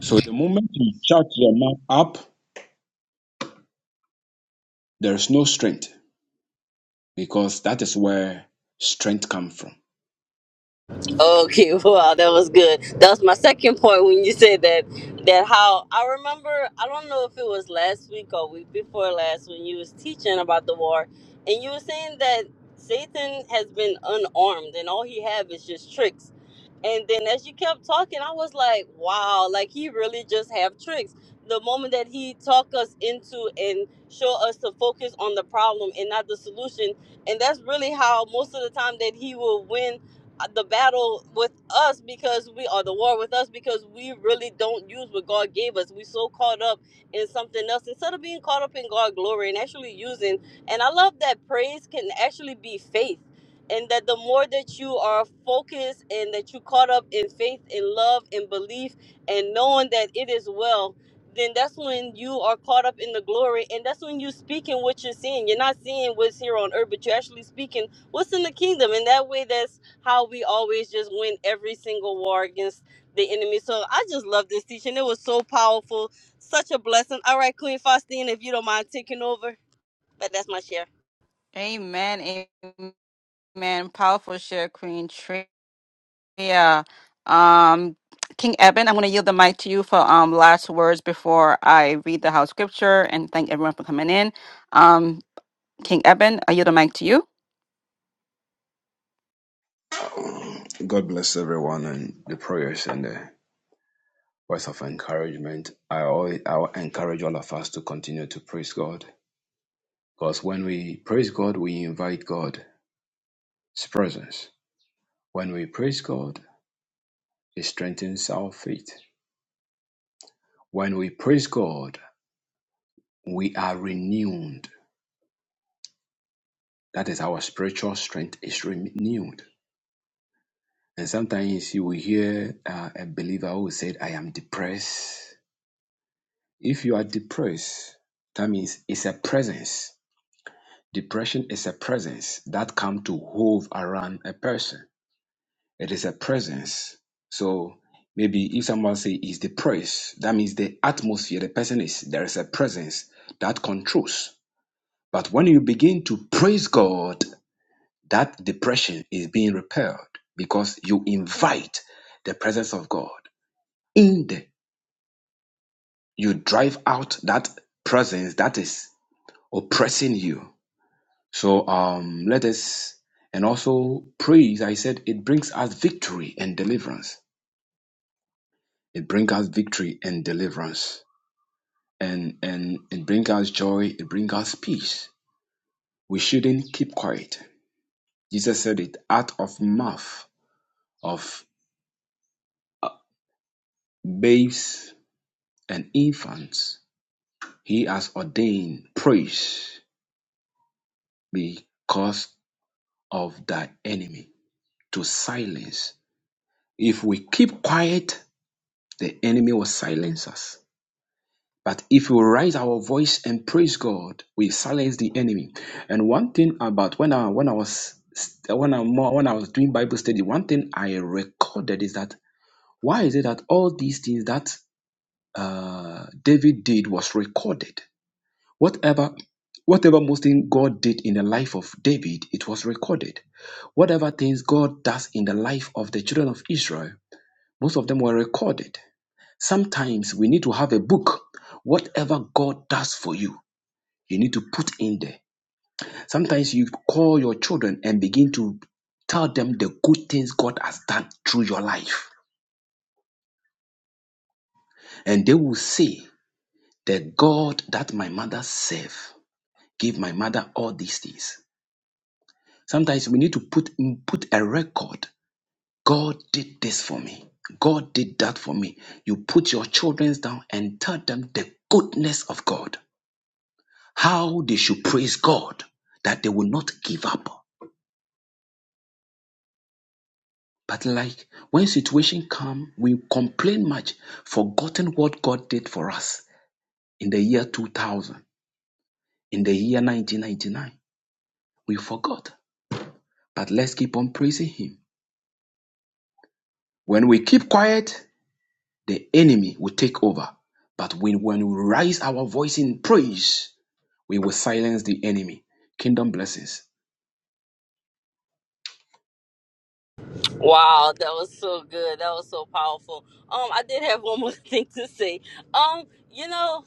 S4: So the moment you shut your mouth up, there is no strength because that is where strength comes from.
S1: Okay, wow, that was good. That was my second point when you said that. That how I remember. I don't know if it was last week or week before last when you was teaching about the war, and you were saying that Satan has been unarmed and all he have is just tricks. And then as you kept talking, I was like, wow, like he really just have tricks. The moment that he talk us into and show us to focus on the problem and not the solution, and that's really how most of the time that he will win the battle with us because we are the war with us because we really don't use what God gave us. We are so caught up in something else instead of being caught up in God's glory and actually using. And I love that praise can actually be faith. And that the more that you are focused and that you caught up in faith and love and belief and knowing that it is well, then that's when you are caught up in the glory. And that's when you're speaking what you're seeing. You're not seeing what's here on earth, but you're actually speaking what's in the kingdom. And that way, that's how we always just win every single war against the enemy. So I just love this teaching. It was so powerful, such a blessing. All right, Queen Faustine, if you don't mind taking over, but that's my share.
S2: Amen. Amen. Powerful share, Queen Tria. Um, King Eben, I'm going to yield the mic to you for um last words before I read the house scripture and thank everyone for coming in. Um, King Eben, I yield the mic to you.
S4: And current, I always, I always continue because when we put His presence, when we put, it strengthens our faith. When we praise God, we are renewed. That is our spiritual strength is renewed. And sometimes you see, we hear uh, a believer who said, I am depressed. If you are depressed, that means it's a presence. Depression is a presence that comes to hove around a person. It is a presence. So maybe if someone say is depressed, that means the atmosphere the person is, there is a presence that controls. But when you begin to praise God That depression is being repelled because you invite the presence of God in there. You drive out that presence that is oppressing you. So um, let us, and also praise, I said, it brings us victory and deliverance. It brings us victory and deliverance. And, and it brings us joy, it brings us peace. We shouldn't keep quiet. Jesus said it out of mouth of babes and infants He has ordained praise because of thy enemy to silence. If we keep quiet, the enemy will silence us. But if we raise our voice and praise God, we silence the enemy. And one thing about when I when I was when I more when I was doing Bible study, one thing I recorded is that why is it that all these things that uh, David did was recorded? Whatever, whatever most thing God did in the life of David, it was recorded. Whatever things God does in the life of the children of Israel, most of them were recorded. Sometimes we need to have a book. Whatever God does for you, you need to put in there. Sometimes you call your children and begin to tell them the good things God has done through your life. And they will say, The God that my mother served gave my mother all these things. Sometimes we need to put put a record. God did this for me. God did that for me. You put your children down and tell them the goodness of God. How they should praise God that they will not give up. But like when situation come, we complain much, forgotten what God did for us in the year 2000, in the year 1999. We forgot. But let's keep on praising him. When we keep quiet, the enemy will take over. But when, when we raise our voice in praise, we will silence the enemy. Kingdom blessings.
S1: Wow, that was so good. That was so powerful. Um, I did have one more thing to say. Um, you know.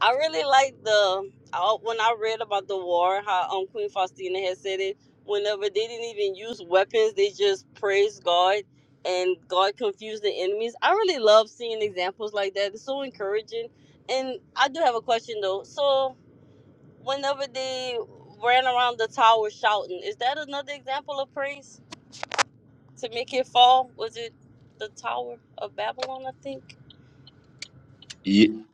S1: I really like the I, when I read about the war, how um Queen Faustina had said it. Whenever they didn't even use weapons, they just praised God, and God confused the enemies. I really love seeing examples like that. It's so encouraging. And I do have a question though. So whenever they ran around the tower shouting, is that another example of praise to make it fall? Was it the Tower of Babylon? I think.
S4: Ye-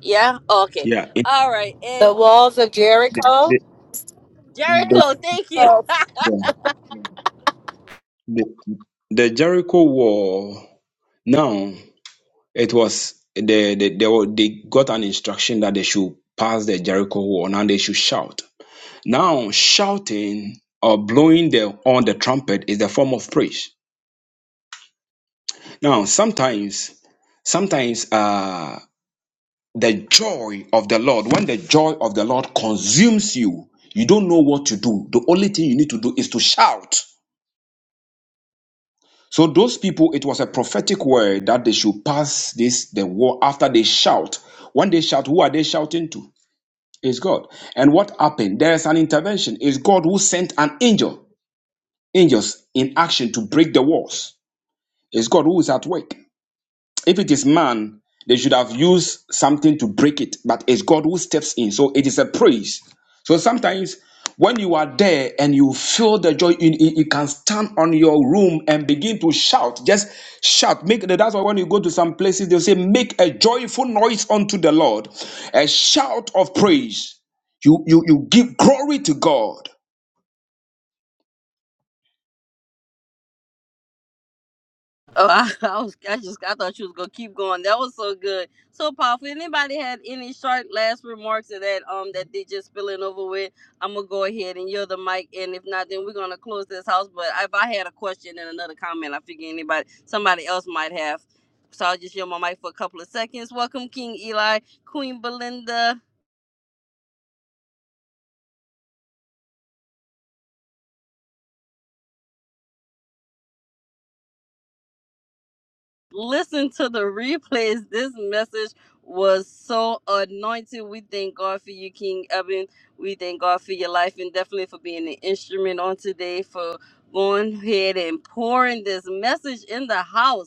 S1: Yeah. Oh, okay.
S4: Yeah, it
S1: All right. And
S9: The walls of Jericho.
S1: Jericho, thank you.
S4: was the, the Jericho wall. Now it was the, the they were, they got an instruction that they should pass the Jericho wall. Now they should shout. Now shouting or blowing the on the trumpet is the form of praise. Now sometimes, sometimes uh the joy of the Lord, when the joy of the Lord consumes you, you don't know what to do. The only thing you need to do is to shout. So those people, it was a prophetic word that they should pass this the war after they shout. When they shout, who are they shouting to? It's God. And what happened? There is an intervention. It's God who sent an angel, angels in action to break the walls. It's God who is at work. If it is man, they should have used something to break it, but it's God who steps in. So it is a praise. So sometimes when you are there and you feel the joy, you, you you can stand on your room and begin to shout. Just shout. Make that's why when you go to some places, they'll say, make a joyful noise unto the Lord, a shout of praise. You you you give glory to God.
S1: Oh, I, I was I just I thought you was gonna keep going. That was so good, so powerful. Anybody had any short last remarks of that um that they just spilling over with? I'm gonna go ahead and yield the mic, and if not, then we're gonna close this house. But if I had a question and another comment, I figure anybody somebody else might have. So I'll just yield my mic for a couple of seconds. Welcome, King Eli, Queen Belinda. listen to the replays. This message was so anointed. We thank God for you, King Eben. We thank God for your life and definitely for being an instrument on today for going ahead and pouring this message in the house.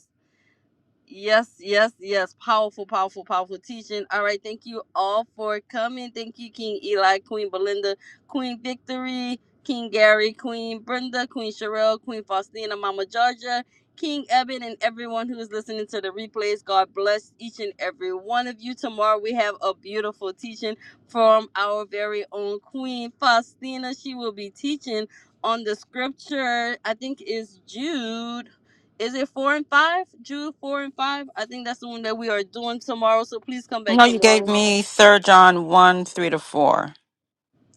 S1: Yes, yes, yes. Powerful, powerful, powerful teaching. All right. Thank you all for coming. Thank you, King Eli, Queen Belinda, Queen Victory, King Gary, Queen Brenda, Queen Sherelle, Queen Faustina, Mama Georgia, King Eben, and everyone who is listening to the replays. God bless each and every one of you. Tomorrow we have a beautiful teaching from our very own Queen Faustina. She will be teaching on the scripture, I think is Jude is it four and five? Jude four and five. I think that's the one that we are doing tomorrow. So please come back
S2: No, you gave
S1: tomorrow.
S2: me Third John one three to four.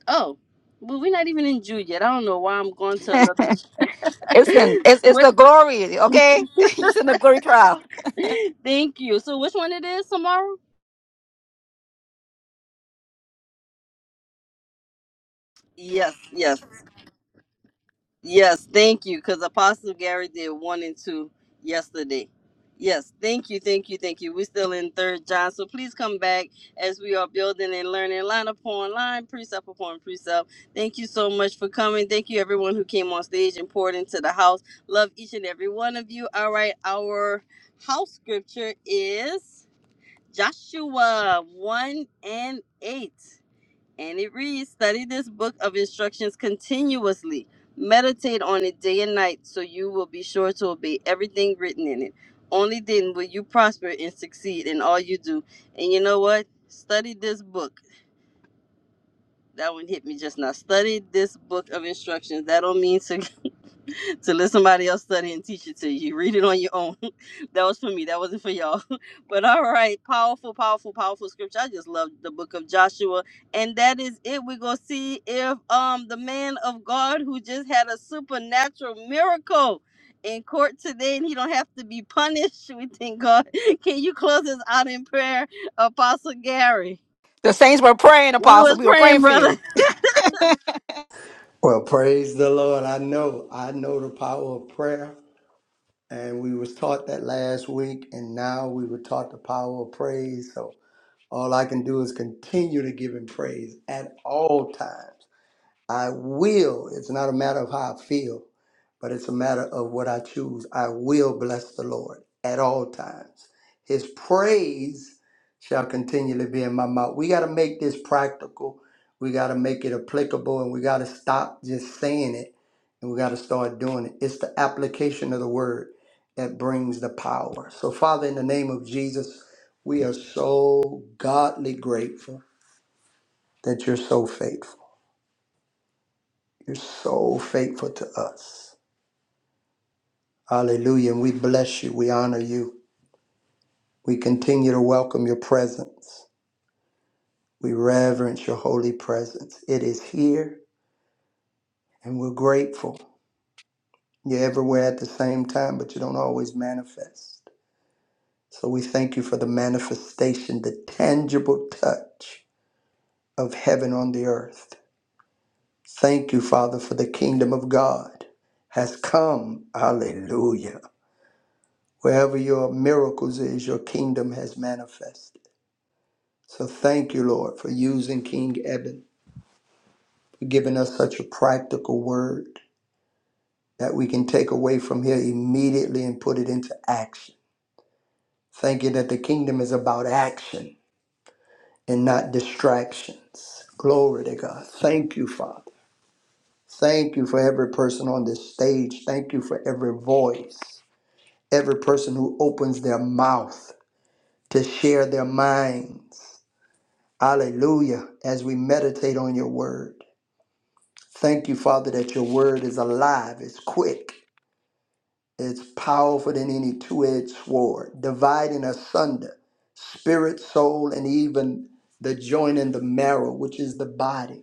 S1: Oh, well, we're not even in Jude yet. I don't know why I'm going to another.
S2: It's in it's it's
S1: what?
S2: the glory, okay? it's in the glory trial.
S1: Thank you. So which one it is tomorrow? Yes, yes. Yes, thank you. Because Apostle Gary did one and two yesterday. Yes, thank you, thank you, thank you. We're still in third John, so please come back as we are building and learning line upon line, precept upon precept. Thank you so much for coming. Thank you, everyone who came on stage and poured into the house. Love each and every one of you. All right, our house scripture is Joshua 1 and 8. And it reads Study this book of instructions continuously. Meditate on it day and night so you will be sure to obey everything written in it. Only then will you prosper and succeed in all you do. And you know what? Study this book. That one hit me just now. Study this book of instructions. That don't mean to to let somebody else study and teach it to you. Read it on your own. that was for me. That wasn't for y'all. But all right, powerful, powerful, powerful scripture. I just love the book of Joshua, and that is it. We're gonna see if um the man of God who just had a supernatural miracle in court today, and he don't have to be punished. We thank God. Can you close us out in prayer, Apostle Gary?
S2: The saints were praying,
S1: We
S2: Apostle.
S1: was
S2: We were
S1: praying,
S2: praying for
S1: brother.
S2: you.
S10: Well, praise the Lord. I know, I know the power of prayer, and we was taught that last week, and now we were taught the power of praise. So all I can do is continue to give him praise at all times. I will. It's not a matter of how I feel, but it's a matter of what I choose. I will bless the Lord at all times. His praise shall continually be in my mouth. We got to make this practical. We got to make it applicable and we got to stop just saying it and we got to start doing it. It's the application of the word that brings the power. So, Father, in the name of Jesus, we are so godly grateful that you're so faithful. You're so faithful to us. Hallelujah. And we bless you. We honor you. We continue to welcome your presence. We reverence your holy presence. It is here and we're grateful. You're everywhere at the same time, but you don't always manifest. So we thank you for the manifestation, the tangible touch of heaven on the earth. Thank you, Father, for the kingdom of God has come. Hallelujah. Wherever your miracles is, your kingdom has manifested. So thank you, Lord, for using King Eben, for giving us such a practical word that we can take away from here immediately and put it into action. Thank you that the kingdom is about action and not distractions. Glory to God. Thank you, Father. Thank you for every person on this stage. Thank you for every voice, every person who opens their mouth to share their minds. Hallelujah. As we meditate on your word, thank you, Father, that your word is alive, it's quick, it's powerful than any two edged sword, dividing asunder spirit, soul, and even the joint and the marrow, which is the body.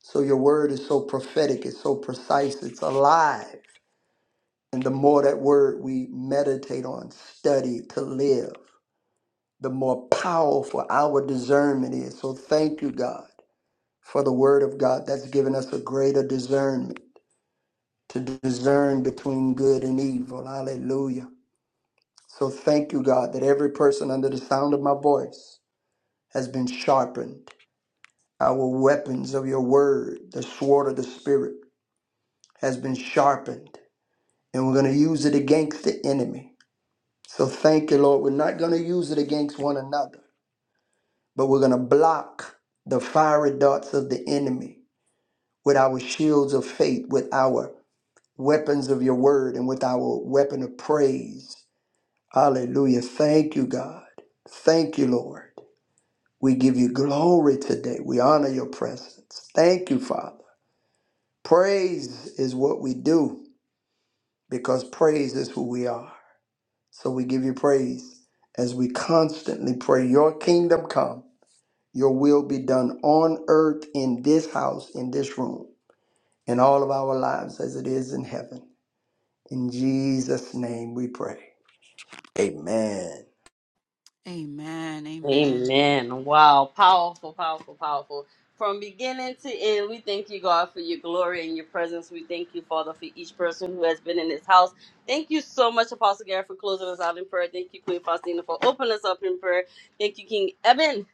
S10: So your word is so prophetic, it's so precise, it's alive. And the more that word we meditate on, study to live, the more powerful our discernment is. So thank you, God for the word of God that's given us a greater discernment to discern between good and evil. Hallelujah. So thank you, God, that every person under the sound of my voice has been sharpened. Our weapons of your word, the sword of the spirit, has been sharpened. And we're going to use it against the enemy. So thank you, Lord. We're not going to use it against one another, but we're going to block the fiery darts of the enemy with our shields of faith, with our weapons of your word and with our weapon of praise. Hallelujah. Thank you, God. Thank you, Lord. We give you glory today. We honor your presence. Thank you, Father. Praise is what we do because praise is who we are. So we give you praise as we constantly pray, Your kingdom come, your will be done on earth, in this house, in this room, in all of our lives as it is in heaven. In Jesus' name we pray. Amen.
S2: Amen. Amen.
S1: Amen. Wow. Powerful, powerful, powerful. From beginning to end, we thank you, God, for your glory and your presence. We thank you, Father, for each person who has been in this house. Thank you so much, Apostle Gary, for closing us out in prayer. Thank you, Queen Faustina, for opening us up in prayer. Thank you, King Eben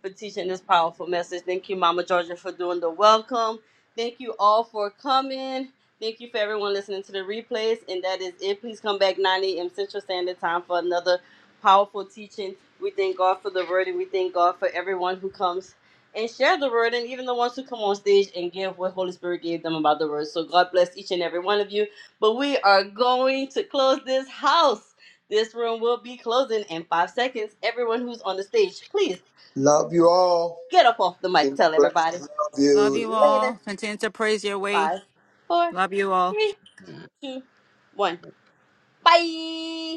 S1: for teaching this powerful message. Thank you, Mama Georgia, for doing the welcome. Thank you all for coming. Thank you for everyone listening to the replays. And that is it. Please come back 9 a.m. Central Standard Time for another powerful teaching. We thank God for the word and we thank God for everyone who comes and share the word and even the ones who come on stage and give what Holy Spirit gave them about the word. So God bless each and every one of you. But we are going to close this house. This room will be closing in five seconds. Everyone who's on the stage, please
S10: Love you all.
S1: Get up off the mic.
S10: Kingdom
S1: Tell everybody.
S10: blessings. Love
S2: Love
S1: See
S2: you
S10: you.
S1: you later.
S2: all. Continue to praise your way
S1: Five, four,
S2: Love you all.
S1: three, two, one. Bye.